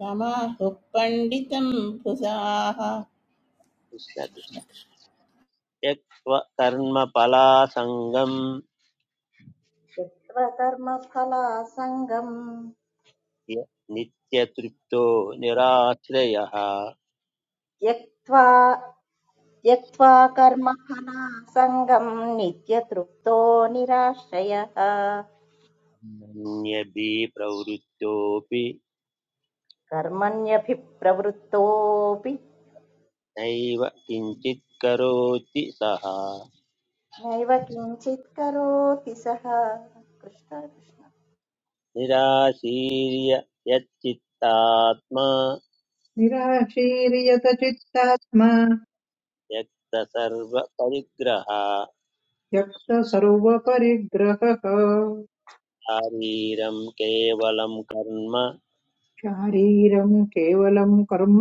C: तमाहुः पण्डितं भुजाः
E: कृष्णकृष्ण
C: कृष्ण कृष्ण
E: त्यक्त्वा कर्मफलासङ्गम्
D: कृष्णत्वकर्मफलासङ्गम्
E: नित्य नित्यतृप्तो निराश्रयः
D: त्यक्त्वा त्यक्त्वा कर्मफलासङ्गम् नित्यतृप्तो निराश्रयः
E: अन्यभि प्रवृत्तोऽपि
D: कर्मण्यभिप्रवृत्तोऽपि
E: नैव किञ्चित् करोति सः
D: नैव किञ्चित् करोति सः कृष्ण कृष्ण
E: निराशीर्य यच्चित्तात्मा
F: निराशीर्यत चित्तात्मा
E: त्यक्तसर्वपरिग्रह
F: त्यक्त सर्वपरिग्रहः
E: शारीरं केवलं कर्म
F: शारीरं केवलं कर्म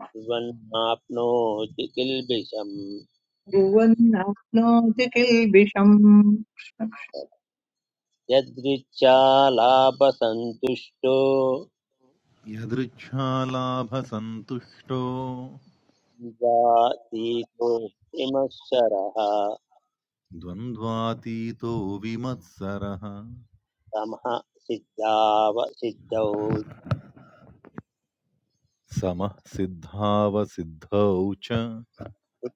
E: कुर्वन्नाप्नोति किल्बिषम्
F: कुर्वन्नाप्नोति किल्बिषम्
E: यदृच्छा लाभसन्तुष्टो
G: यदृच्छालाभसन्तुष्टो
E: जातीतो विमत्सरः
G: द्वन्द्वातीतो विमत्सरः
E: तमः सिद्धाव सिद्धौ
G: समः सिद्धावसिद्धौ च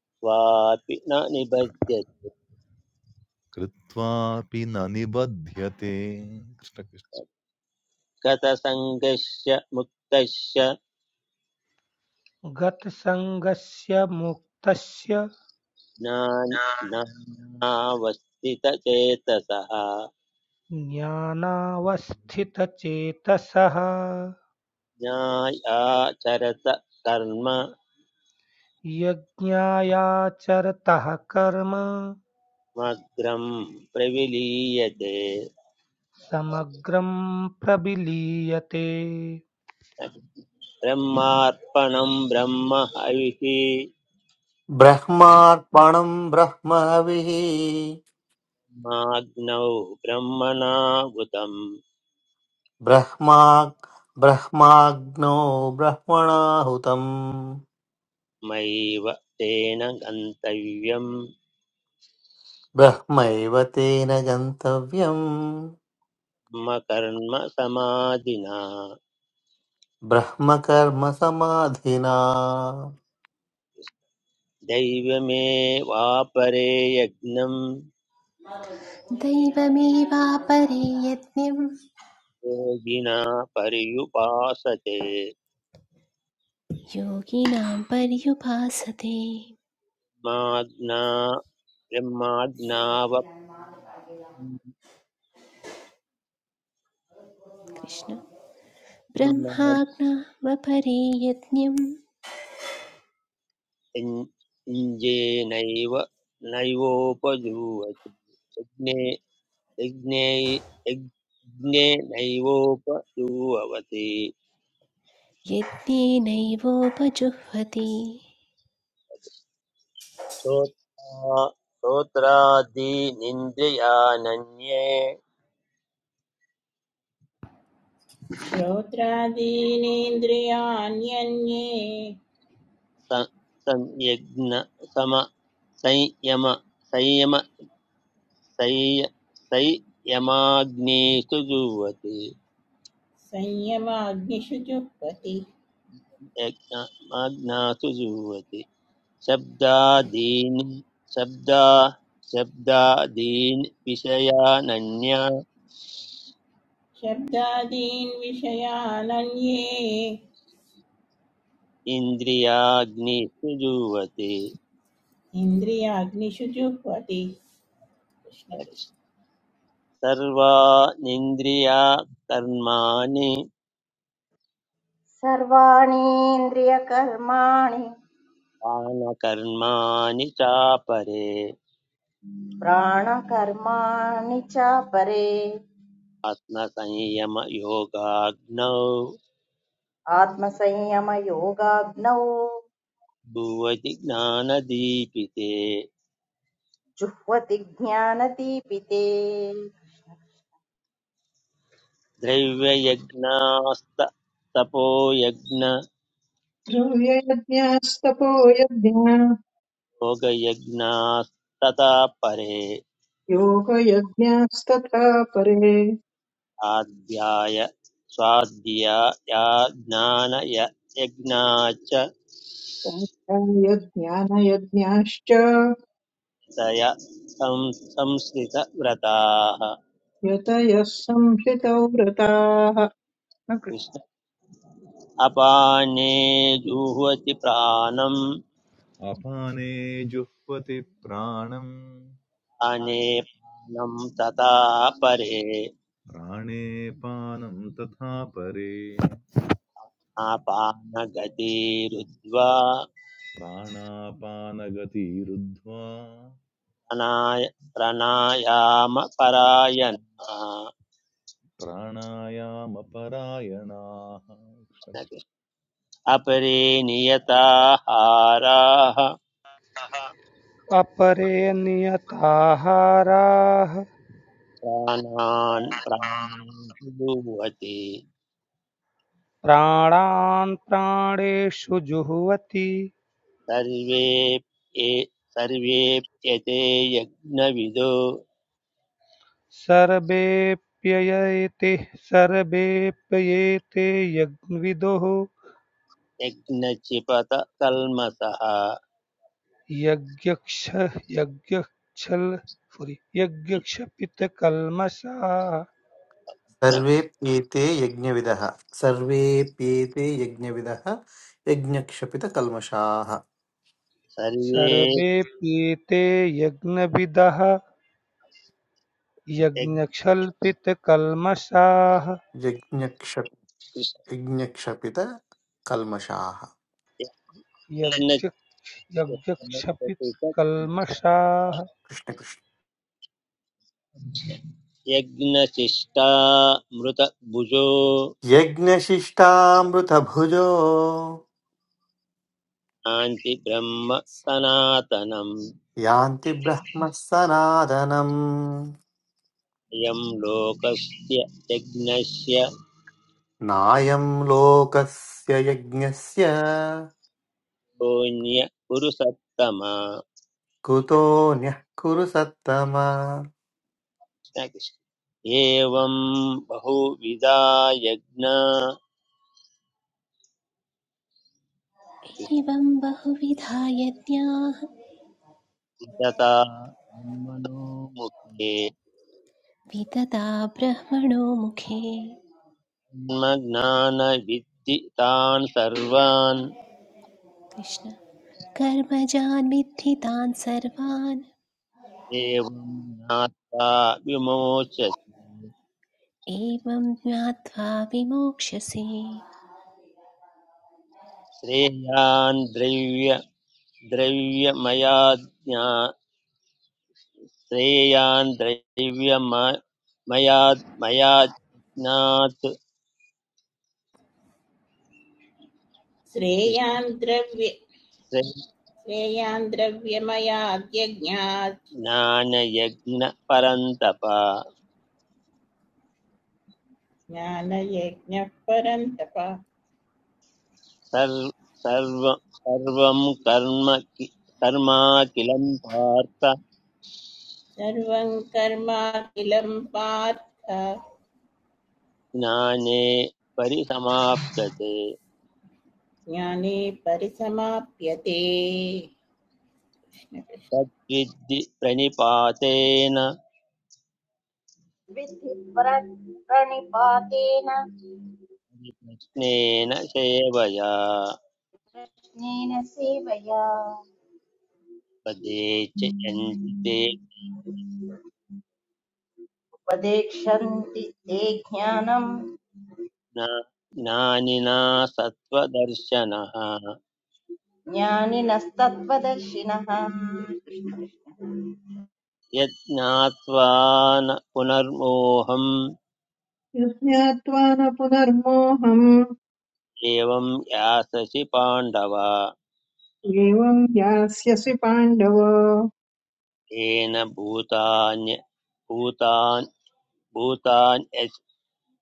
E: त्वापि न निबध्यत्
G: कृत्वापि न निबध्यते कृष्ण कृष्ण।
E: गतसङ्गस्य मुक्तस्य
H: गतसङ्गस्य मुक्तस्य
E: ज्ञान- ज्ञानावस्थितचेतसः
H: ज्ञानावस्थितचेतसः
E: ज्ञायाचरत कर्म
H: यज्ञायाचरतः कर्म
E: मग्रं प्रविलीयते
H: समग्रं प्रविलीयते
E: ब्रह्मार्पणं ब्रह्म हविः
B: ब्रह्मार्पणं ब्रह्मविः
E: माग्नौ ब्रह्मणाहुतं
B: ब्रह्मा ब्रह्माग्नो ब्रह्मणाहुतम्
E: मैव तेन गन्तव्यम्
B: ब्रह्मैव तेन गन्तव्यम्
E: मम कर्म समाधिना
B: ब्रह्मकर्म समाधिना
E: दैवमेवापरे यज्ञं
A: दैवमेवापरे यज्ञं
E: योगिना पर्युपासते
A: योगिनां पर्युपासते
E: माज्ञा
A: कृष्ण
E: ब्रह्माज्ञावजेनैव
A: ब्रह्माज्ञामपरे यज्ञं
E: नैवोपजूवति यज्ञे यज्ञे यज्- यज्ञे नैवोपजूवति
A: यज्ञेनैवोपजुह्वति
E: श्रोत्रा श्रोत्रादीनिन्द्रियानन्ये
C: श्रोत्रादीनेन्द्रियाण्यन्ये
E: स संयज्ञ सम संयम संयम संय संयमाग्नेषु जुह्वति
C: संयमाग्निषु जुह्वति
E: यज्ञमाग्नासु जुह्वति शब्दादीन् शब्दा शब्दादीन् विषयानन्या
C: शब्दादीन् विषयानन्ये
E: इन्द्रियाग्निषु जुह्वति
C: इन्द्रियाग्निषु जुह्वति कृष्ण कृष्ण
E: सर्वानिन्द्रिया कर्माणि
D: सर्वाणीन्द्रियकर्माणि
E: प्राणकर्माणि चापरे
D: प्राणकर्माणि चापरे
E: आत्मसंयमयोगाग्नौ
D: आत्मसंयमयोगाग्नौ
E: भुवति ज्ञानदीपिते
D: जुह्वति ज्ञानदीपिते
E: द्रव्ययज्ञास्त तपोयज्ञ
F: ध्रुवयज्ञास्तपो यज्ञा
E: योगयज्ञास्तथा परे
F: योगयज्ञास्तथा परे
E: स्वाध्याय स्वाध्याया ज्ञानय यज्ञा च
F: स्वाध्यायज्ञानयज्ञाश्च
E: तया सं, संस्कृतव्रताः
F: यतयः संशितौ व्रताः
E: कृष्ण अपाने जुह्वति प्राणम्
G: अपाने जुह्वति प्राणं
E: अने प्राणं तथा परे
G: प्राणे पानं तथा परे
E: आपानगतिरुद्ध्वा
G: प्राणापानगतिरुद्ध्वा
E: अनाय प्रणायामपरायणाः
G: प्राणायामपरायणाः
E: अपरे नियताहाराः
H: अपरे नियताहाराः
E: प्राणान् प्राणेति
H: प्राणान् प्राणेषु जुह्वति
E: सर्वे ये- सर्वेप्यते यज्ञविदो
H: सर्वेऽप्ययेते सर्वेऽप्ययेते यज्ञविदुः
E: यज्ञचिपत कल्मषः
H: यज्ञक्ष यज्ञक्षल sorry, यज्ञक्षपितकल्मषा
B: सर्वेऽप्येते यज्ञविदः सर्वेऽप्येते यज्ञविदः यज्ञक्षपितकल्मषाः
E: सर्वे
H: सर्वेऽप्येते यज्ञविदः
E: यज्ञ-
H: यज्ञक्षल्पितकल्मषाः
B: यज्ञक्ष यज्ञक्षपितकल्मषाः
H: यज्ञ
E: यज्ञचिपतकल्मषः
H: यज्ञक्षपितकल्मषाः
B: कृष्णकृष्ण
E: यज्ञशिष्टा मृतभुजो
B: यज्ञशिष्टामृतभुजो
E: यान्ति ब्रह्म सनातनम्
B: यान्ति ब्रह्मः सनातनम्
E: अयं लोकस्य यज्ञस्य
B: नायं लोकस्य यज्ञस्य
E: शून्य पुरुषत्तमा
B: कृतोऽन्यः कुरु सत्तम
E: एवं बहुविधा यज्ञा
A: एवं बहुविधा यज्ञाः
E: विदता ब्रह्मणो मुखे
A: वितता ब्रह्मणो मुखे
E: ज्ञानविद्धि तान् सर्वान्
A: कृष्ण कर्मजान् विद्धि सर्वान्
E: एवं ज्ञात्वा विमोचति
A: एवं ज्ञात्वा विमोक्ष्यसे
E: श्रेयान् द्रव्यमयाज्ञा श्रेयान् द्रव्यमयाज्ञात्
C: श्रेयान् द्रव्य श्रेयान् द्रव्यमयाद्यज्ञात्
E: ज्ञानयज्ञपरन्तप
C: ज्ञानयज्ञः परन्तप
E: सर्व सर्व- सर्वं कर्म कि- कर्माखिलं पार्थ
C: सर्वं कर्माखिलं पार्थ
E: ज्ञाने परिसमाप्यते
C: ज्ञाने परिसमाप्यते कृष्ण कृष्ण।
E: तद्विद्धि प्रणिपातेन
D: विद्धि प्र- प्रणिपातेन
E: प्रश्नेन सेवया
D: कृष्णेन सेवया
E: पदे च यन्ति ते
D: उपदेक्षन्ति ते ज्ञानम्
E: ज्ञा- ज्ञानिना सत्त्वदर्शनः
D: ज्ञानिनस्तत्त्वदर्शिनः
E: यज्ञात्वा न पुनर्मोहम्
F: यज्ञात्वा न पुनर्मोहम्
E: एवं याससि पाण्डव
F: एवम् यास्यसि पाण्डव
E: येन भूतान्य भूतान् भूतान्य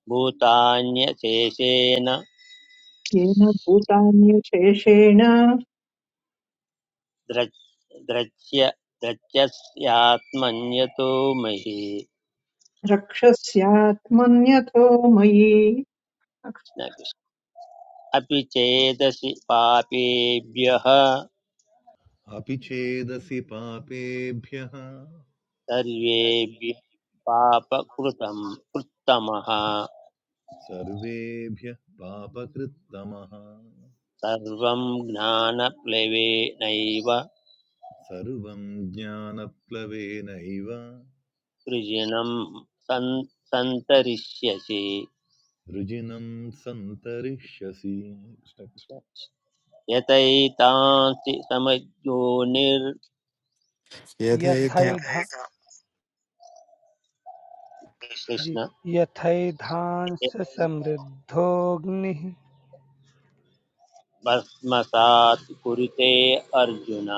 E: भूतान्यशेषेण
F: येन भूतान्यशेषेण
E: द्रच् द्रच्य द्रच्यस्यात्मन्यतो महि
F: द्रक्ष्यस्यात्मन्यथो मयि
E: अपि चेदसि पापेभ्यः
G: अपि चेदसि पापेभ्यः
E: सर्वेभ्यः पापकृतं कृत्तमः
G: सर्वेभ्यः पापकृत्तमः
E: सर्वं ज्ञानप्लवेनैव
G: सर्वं ज्ञानप्लवेनैव
E: सृजनं सन् सन्तरिष्यसि
G: रुजिनं सन्तरिष्यसि
E: यतैतांसि समज्ञोनिर्कृष्ण
I: यथैधा
H: यथैधा जी यथैधांससमृद्धोऽग्निः
E: भस्मसात् कुरुते अर्जुन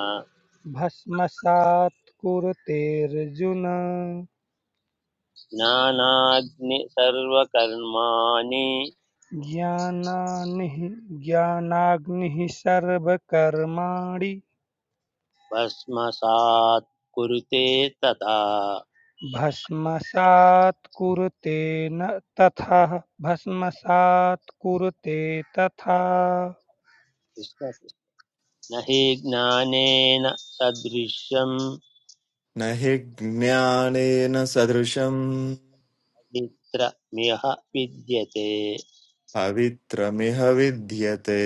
H: भस्मसात् कुरुतेऽर्जुन
E: ज्ञानाग्नि सर्वकर्माणि
H: ज्ञानानिः ज्ञानाग्निः सर्वकर्माणि
E: भस्मसात् कुरुते तथा
H: भस्मसात् कुरुते न तथा भस्मसात् कुरुते तथा
E: न हि ज्ञानेन सदृशं
I: न हि ज्ञानेन सदृशम्
E: मित्रमिह विद्यते
I: पवित्रमिह विद्यते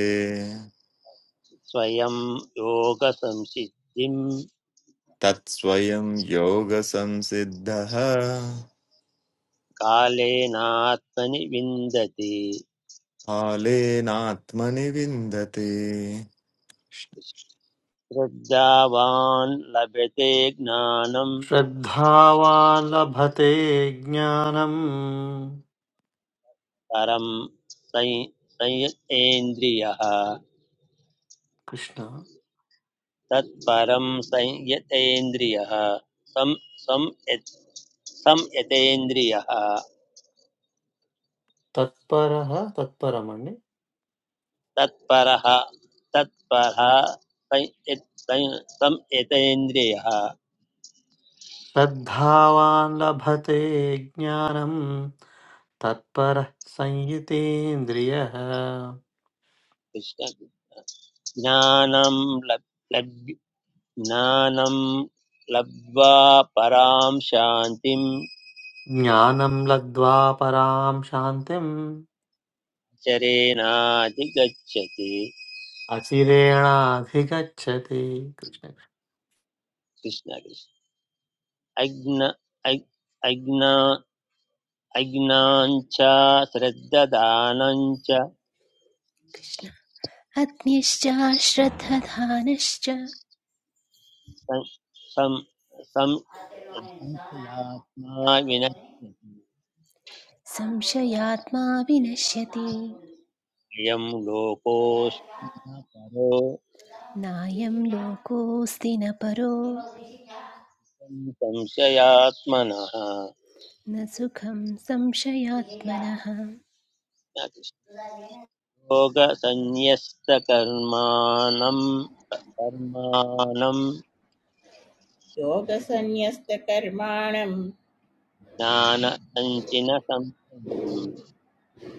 E: स्वयं योगसंसिद्धिं
I: तत्स्वयं योगसंसिद्धः
E: कालेनात्मनि विन्दति
I: कालेनात्मनि विन्दते
E: श्रद्धावान् लभते ज्ञानं
B: श्रद्धावान् लभते ज्ञानम्
E: परं सं- संयतेन्द्रियः
B: कृष्ण
E: तत्परं संयतेन्द्रियः सं संयत्- संयतेन्द्रियः
B: तत्परः तत्परमणि
E: तत्परः तत्परः सं यत्- सं- सं यतेन्द्रियः
B: श्रद्धावान् लभते ज्ञानम् तत्परः संयुतेन्द्रियः
E: कृष्ण ज्ञानं लब् लब् ज्ञानं लब्ध्वा परां शान्तिं
B: ज्ञानं लब्ध्वा परां शान्तिम्
E: चरेणाधिगच्छति
B: अचिरेणाधिगच्छति कृष्ण
E: कृष्ण कृष्ण अज्ञा अज्ञाञ्च श्रद्धदानञ्च
A: कृष्ण अग्निश्च श्रद्धधानश्च
E: सं- संशयात्मा विनश्यति
A: संशयात्मा विनश्यति
E: अयं लोकोऽस्मि न परो
A: नायं लोकोऽस्ति न परो
E: संशयात्मनः
A: न सुखं संशयात्मनः
E: योगसन्न्यस्तकर्माणम् कर्माणम्
C: योगसन्न्यस्तकर्माणं
E: ज्ञानसञ्चिन संशयम्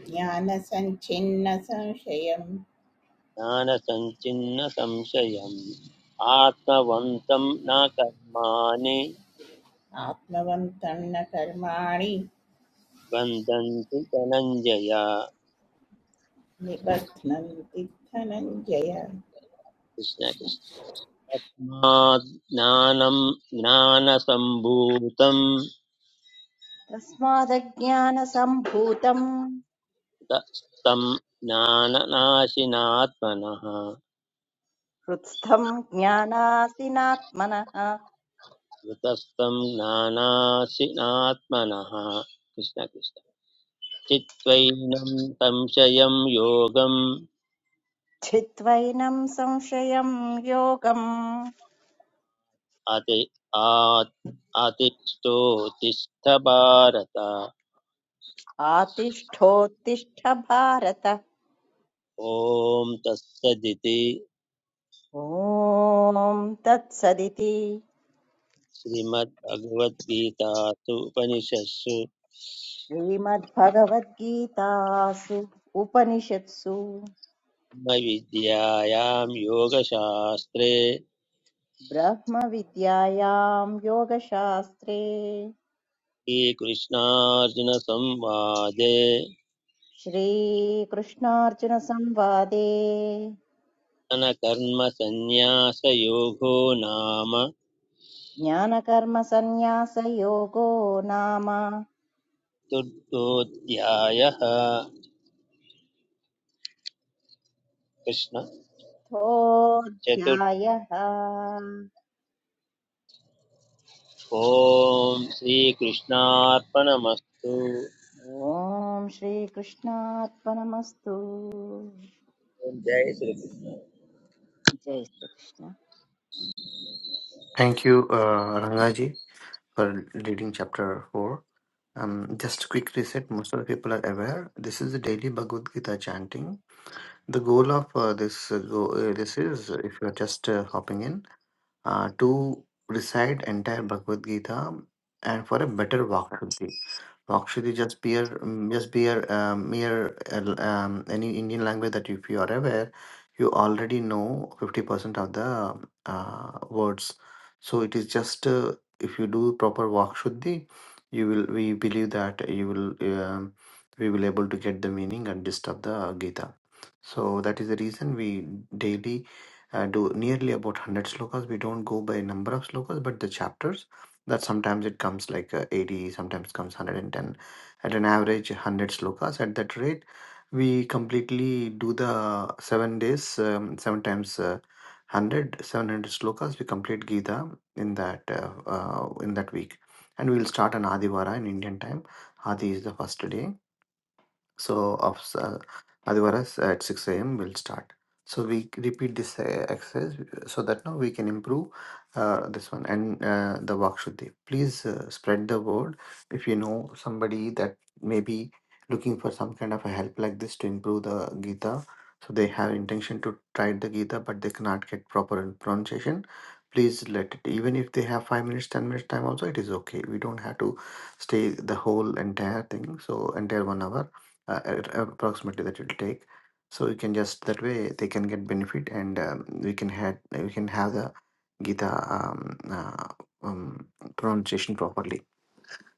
C: ज्ञानसञ्छिन्नसंशयम्
E: ज्ञानसञ्चिन्न संशयम् आत्मवन्तं न कर्माणि
C: आत्मवन्तं न कर्माणि
E: बन्धन्ति धनञ्जय
C: निबध्नन्ति धनञ्जय
E: कृष्ण
C: कृष्ण
E: कृष्ण तस्मात् ज्ञानं ज्ञानसम्भूतम्
D: तस्मादज्ञानसम्भूतम्
E: तम ज्ञाननाशिनात्मनः
D: हृत्स्थम् ज्ञानासिनात्मनः
E: कृतस्तं ज्ञानाशिनात्मनः कृष्ण कृष्ण चित्त्वैनं संशयं योगम्
D: छित्त्वैनं संशयं योगम्
E: अति आत् अतिष्ठोतिष्ठ भारत
D: आतिष्ठोत्तिष्ठ भारत
E: ॐ तत्सदिति
D: ॐ तत्सदिति
E: श्रीमद्भगवद्गीतासु उपनिषत्सु
D: श्रीमद्भगवद्गीतासु उपनिषत्सु
E: विद्यायां योगशास्त्रे
D: ब्रह्मविद्यायां योगशास्त्रे
E: श्रीकृष्णार्जुनसंवादे
D: श्रीकृष्णार्जुनसंवादे
E: ज्ञानकर्मसन्न्यासयोगो नाम
D: ज्ञानकर्मसन्न्यासयोगो नाम
E: चतुर्थोऽध्यायः कृष्ण चतुर्थ
D: अध्यायः
E: ॐ श्रीकृष्णार्पणमस्तु ॐ
D: ॐ श्रीकृष्णात्मनमस्तु
E: जय श्रीकृष्ण
D: जय Shrikrishna
B: thank you Rangaji for leading chapter four Um, just a quick reset. Most of the people are aware. This is the daily Bhagavad Gita chanting. The goal of uh, this uh, go, uh, this is uh, if you are just uh, hopping in uh, to recite entire Bhagavad Gita and for a better Vakshuddhi. Vakshuddhi just be mm, just be um, mere uh, um, any Indian language that if you are aware, you already know fifty percent of the uh, words. So it is just uh, if you do proper Vakshuddhi, you will we believe that you will um, we will able to get the meaning and gist of the Gita. So that is the reason we daily uh, do nearly about 100 slokas. We don't go by number of slokas, but the chapters. That sometimes it comes like uh, 80, sometimes comes 110. At an average, 100 slokas. At that rate, we completely do the seven days, um, seven times uh, 100, slokas. We complete Gita in that uh, uh, in that week, and we will start an Adivara in Indian time. Adi is the first day so of uh, Adivaras at 6 a.m. we will start. So we c- repeat this uh, exercise uh, so that now we can improve uh, this one and uh, the Vakshuddhi. Please uh, spread the word if you know somebody that may be looking for some kind of a help like this to improve the Gita. So they have intention to try the Gita but they cannot get proper pronunciation. Please let it even if they have five minutes, ten minutes time also it is okay. We don't have to stay the whole entire thing so entire one hour uh, at- approximately that it'll take so you can just that way they can get benefit and um, we can had we can have the gita um, uh, um, pronunciation properly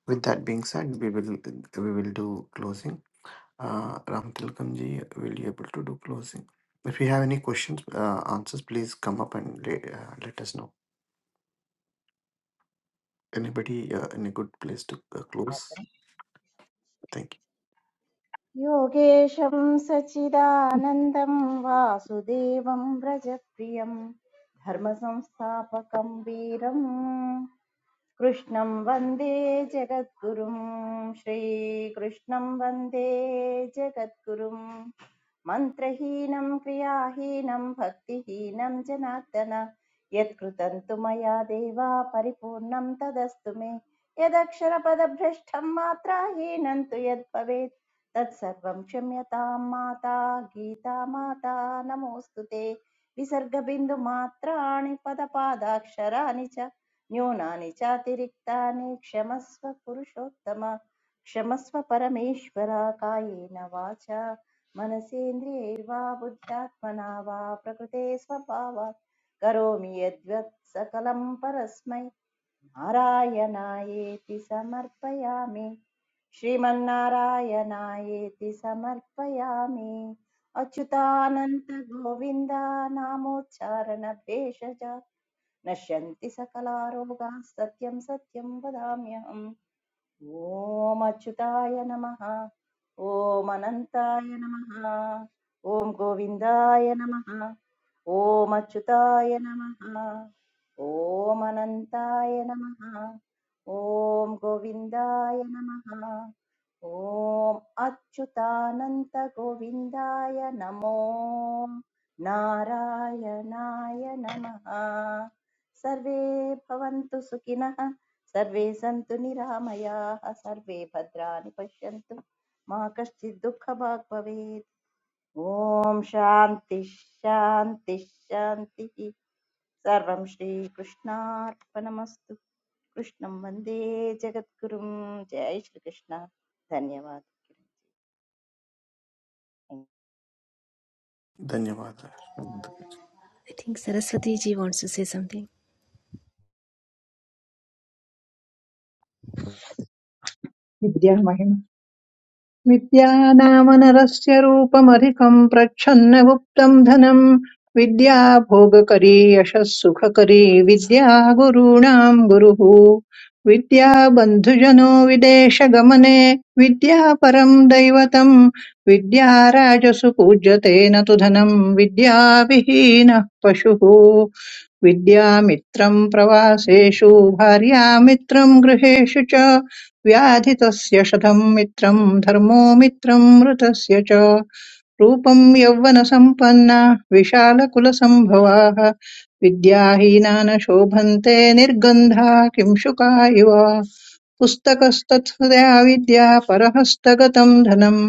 B: with that being said we will we will do closing uh, ram tilkamji will be able to do closing if you have any questions uh, answers please come up and let, uh, let us know anybody uh, in a good place to uh, close thank you
D: योगेशं सच्चिदानन्दं वासुदेवं व्रजप्रियं धर्मसंस्थापकं वीरम् कृष्णं वन्दे जगद्गुरुं श्रीकृष्णं वन्दे जगद्गुरुं मन्त्रहीनं क्रियाहीनं भक्तिहीनं जनार्दन यत्कृतं तु मया देवा परिपूर्णं तदस्तु मे यदक्षरपदभ्रष्टं मात्राहीनं तु यद्भवेत् तत्सर्वं क्षम्यतां माता गीता माता नमोऽस्तु ते विसर्गबिन्दुमात्राणि पदपादाक्षराणि च न्यूनानि चातिरिक्तानि क्षमस्व पुरुषोत्तम क्षमस्व परमेश्वर कायेन वाचा मनसेन्द्रियैर्वा बुद्ध्यात्मना वा प्रकृते स्वभावात् करोमि यद्वत् सकलं परस्मै नारायणायेति समर्पयामि श्रीमन्नारायणायेति समर्पयामि अच्युतानन्तगोविन्दा नामोच्चारणभेषज नश्यन्ति सकलारोगाः सत्यं सत्यं वदाम्यहम् ఓం అచ్యుతాయ నమ ఓం అనంతాయ నమ ఓం గోవిందాయ నమ ఓం అచ్యుతాయ నమ ఓం అనంతాయ నమ ఓం గోవిందాయ నమ ఓం అచ్యుతానంత గోవిందాయ నమో నారాయణాయ నమ సర్వే భవంతు సుఖినః सर्वे सन्तु निरामयाः सर्वे भद्राणि पश्यन्तु मा कश्चित् दुःखभाग् भवेत् ॐ शान्ति शान्ति शान्तिः सर्वं श्रीकृष्णार्पणमस्तु कृष्णं वन्दे जगद्गुरुं जय श्रीकृष्ण धन्यवाद जय
B: ధన్యవాదాలు
A: I think Saraswati ji wants to say something.
F: विद्या विद्यानामनरस्य रूपमधिकम् प्रच्छन्न गुप्तम् धनम् विद्या भोगकरी यशः सुखकरी विद्या गुरूणाम् गुरुः विद्या बन्धुजनो विदेशगमने विद्या परम् दैवतम् विद्या राजसु पूज्यते न तु धनम् विद्या विहीनः पशुः विद्यामित्रम् प्रवासेषु भार्यामित्रम् गृहेषु च व्याधितस्य शतं मित्रम् धर्मो मित्रम् मृतस्य च रूपम् यौवनसम्पन्ना विशालकुलसम्भवाः विद्याहीना न शोभन्ते निर्गन्धा किंशुका इव पुस्तकस्तत्सदया विद्या परहस्तगतम् धनम्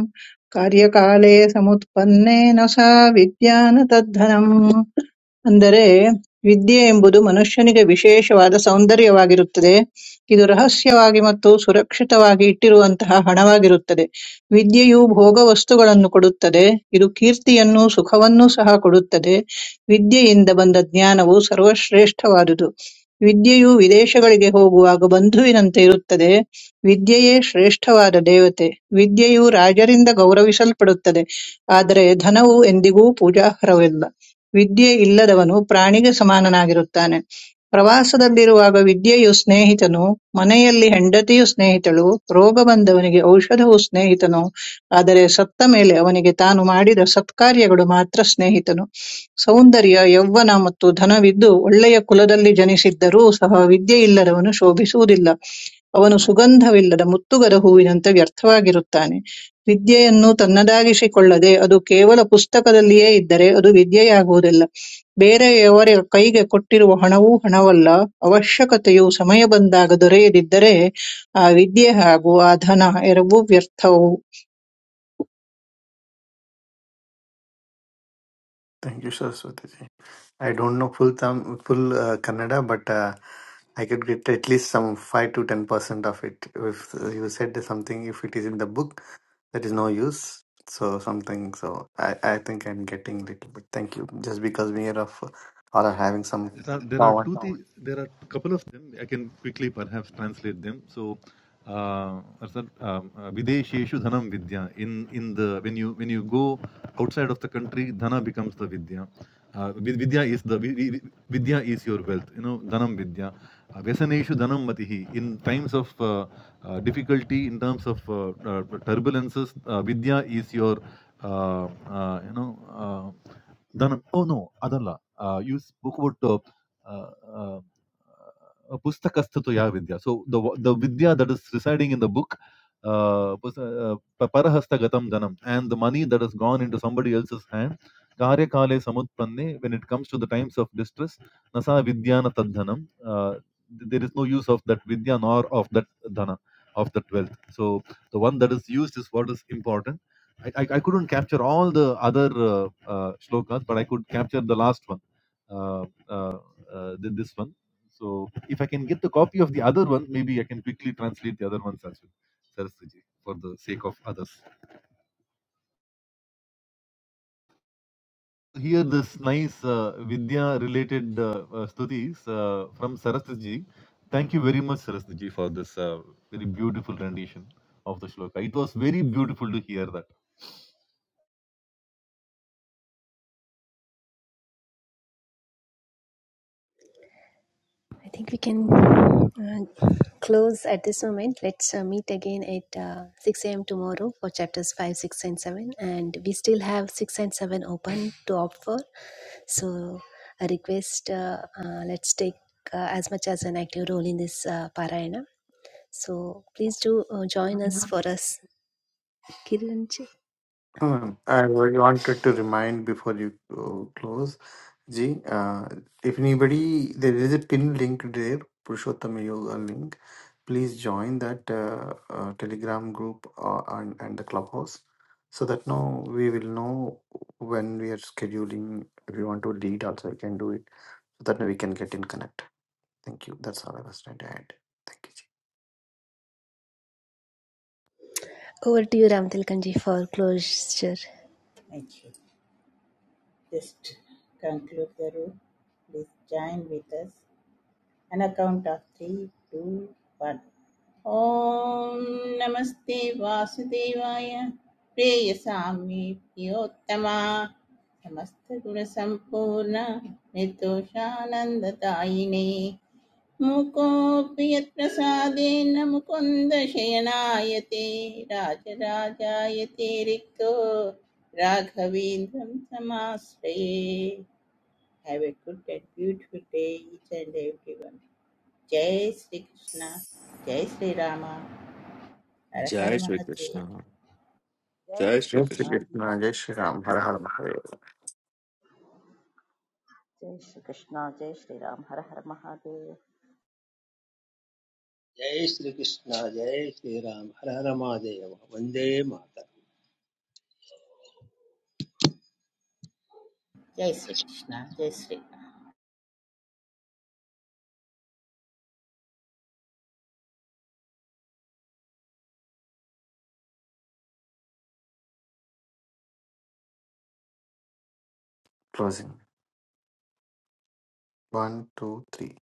F: कार्यकाले समुत्पन्नेन सा विद्या न तद्धनम् ಅಂದರೆ ವಿದ್ಯೆ ಎಂಬುದು ಮನುಷ್ಯನಿಗೆ ವಿಶೇಷವಾದ ಸೌಂದರ್ಯವಾಗಿರುತ್ತದೆ ಇದು ರಹಸ್ಯವಾಗಿ ಮತ್ತು ಸುರಕ್ಷಿತವಾಗಿ ಇಟ್ಟಿರುವಂತಹ ಹಣವಾಗಿರುತ್ತದೆ ವಿದ್ಯೆಯು ಭೋಗ ವಸ್ತುಗಳನ್ನು ಕೊಡುತ್ತದೆ ಇದು ಕೀರ್ತಿಯನ್ನು ಸುಖವನ್ನೂ ಸಹ ಕೊಡುತ್ತದೆ ವಿದ್ಯೆಯಿಂದ ಬಂದ ಜ್ಞಾನವು ಸರ್ವಶ್ರೇಷ್ಠವಾದುದು ವಿದ್ಯೆಯು ವಿದೇಶಗಳಿಗೆ ಹೋಗುವಾಗ ಬಂಧುವಿನಂತೆ ಇರುತ್ತದೆ ವಿದ್ಯೆಯೇ ಶ್ರೇಷ್ಠವಾದ ದೇವತೆ ವಿದ್ಯೆಯು ರಾಜರಿಂದ ಗೌರವಿಸಲ್ಪಡುತ್ತದೆ ಆದರೆ ಧನವು ಎಂದಿಗೂ ಪೂಜಾರ್ಹವಲ್ಲ ವಿದ್ಯೆ ಇಲ್ಲದವನು ಪ್ರಾಣಿಗೆ ಸಮಾನನಾಗಿರುತ್ತಾನೆ. ಪ್ರವಾಸದಲ್ಲಿರುವಾಗ ವಿದ್ಯೆಯು ಸ್ನೇಹಿತನು, ಮನೆಯಲ್ಲಿ ಹೆಂಡತಿಯು ಸ್ನೇಹಿತಳು, ರೋಗ ಬಂದವನಿಗೆ ಔಷಧವು ಸ್ನೇಹಿತನು, ಆದರೆ ಸತ್ತ ಮೇಲೆ ಅವನಿಗೆ ತಾನು ಮಾಡಿದ ಸತ್ಕಾರ್ಯಗಳು ಮಾತ್ರ ಸ್ನೇಹಿತನು. ಸೌಂದರ್ಯ, ಯೌವನ ಮತ್ತು ಧನವಿದ್ದು ಒಳ್ಳೆಯ ಕುಲದಲ್ಲಿ ಜನಿಸಿದ್ದರೂ ಸಹ ವಿದ್ಯೆಯಿಲ್ಲದವನು ಶೋಭಿಸುವುದಿಲ್ಲ, ಅವನು ಸುಗಂಧವಿಲ್ಲದ ಮುತ್ತುಗದ ಹೂವಿನಂತೆ ವ್ಯರ್ಥವಾಗಿರುತ್ತಾನೆ. ವಿದ್ಯೆಯನ್ನು ತನ್ನದಾಗಿಸಿಕೊಳ್ಳದೆ ಅದು ಕೇವಲ ಪುಸ್ತಕದಲ್ಲಿಯೇ ಇದ್ದರೆ ಅದು ವಿದ್ಯೆಯಾಗುವುದಿಲ್ಲ. ಬೇರೆಯವರ ಕೈಗೆ ಕೊಟ್ಟಿರುವ ಹಣವೂ ಹಣವಲ್ಲ. ಅವಶ್ಯಕತೆಯು ಸಮಯ ಬಂದಾಗ ದೊರೆಯದಿದ್ದರೆ ಆ ವಿದ್ಯೆ ಹಾಗೂ ಆ ಧನ ಎರವೂ ವ್ಯರ್ಥವು.
B: Thank you, Saraswati ji. I don't know full tam full uh, Kannada, but uh, I could get at least some five to ten percent of it. If uh, you said something, if it is in the book, that is no use. So something. So I, I think I'm getting little bit. Thank you. Just because we are of or are having some.
G: There are, there are
B: Now,
G: two thi- there are a couple of them. I can quickly perhaps translate them. So, uh, Arsad, um, uh, Videsheshu Dhanam Vidya. In in the when you when you go outside of the country, Dhana becomes the Vidya. Uh, vidya is the vi- Vidya is your wealth. You know, Dhanam Vidya. Uh, Vyasaneshu Dhanam Matihi. In times of uh, uh, difficulty, in terms of uh, uh, turbulences, uh, Vidya is your uh, uh, you know. Uh, ಧನ oh no ಅದಲ್ಲ uh, you spoke about uh, uh, uh, pustakasthatya vidya. So the the vidya that is residing in the book, uh, pus- uh, pa- parahastagatam dhanam, and the money that has gone into somebody else's hand, karyakale samutpanne, when it comes to the times of distress, nasa vidyana tadhanam, uh, th- there is no use of that vidya nor of that dhana, of that wealth. So the one that is used is what is important. I, I, I couldn't capture all the other uh, uh, shlokas, but I could capture the last one uh, uh, uh, than this one. So if I can get the copy of the other one, maybe I can quickly translate the other ones as well, Saraswati, for the sake of others. Here, this nice uh, Vidya-related uh, uh, stutis uh, from Saraswati. Thank you very much, Saraswati, for this uh, very beautiful rendition of the shloka. It was very beautiful to hear that.
A: I think we can uh, close at this moment. Let's uh, meet again at uh, 6 a.m. tomorrow for chapters 5, 6, and 7. And we still have 6 and 7 open to opt for. So, a request uh, uh, let's take uh, as much as an active role in this uh, parayana. So, please do uh, join us for us. Kiranji.
B: um, I really wanted to remind before you uh, close, Ji. Uh, if anybody, there is a pin link there, Purushottam Yoga link please join that uh, uh, telegram group uh, and, and the clubhouse so that now we will know when we are scheduling if you want to lead also you can do it so that we can get in connect thank you that's all i was trying to add thank you Ji.
A: Over to you, Ramtilkanji, for closure.
C: Thank you. Just conclude the room. Please join with us. An account of three, two, one. ॐ नमस्ते वासुदेवाय प्रेयसाम्ये प्रियोत्तमा समस्तगुणसम्पूर्ण निर्दोषानन्ददायिने मुकोऽपि यत्प्रसादेन मुकुन्दशयनायते राजराजायते रिक्तो राघवेन्द्रं समाश्रये have a good and beautiful day each and every जय श्रीकृष्ण जय श्रीराम हर हर
I: जय
C: महादेव
I: श्रीकृष्ण जय
B: yes
D: Shri Krishna
B: we
I: Shri Krishna
B: did. Now, jai
D: जय
B: shri ram har har Mahadev.
D: Shri Krishna जय श्रीराम हर हर महादेव
E: जय श्रीकृष्ण जय श्रीराम हर हर महादेव वन्दे मातरम्
C: जय श्री कृष्णा जय Shri Ram
B: closing one two three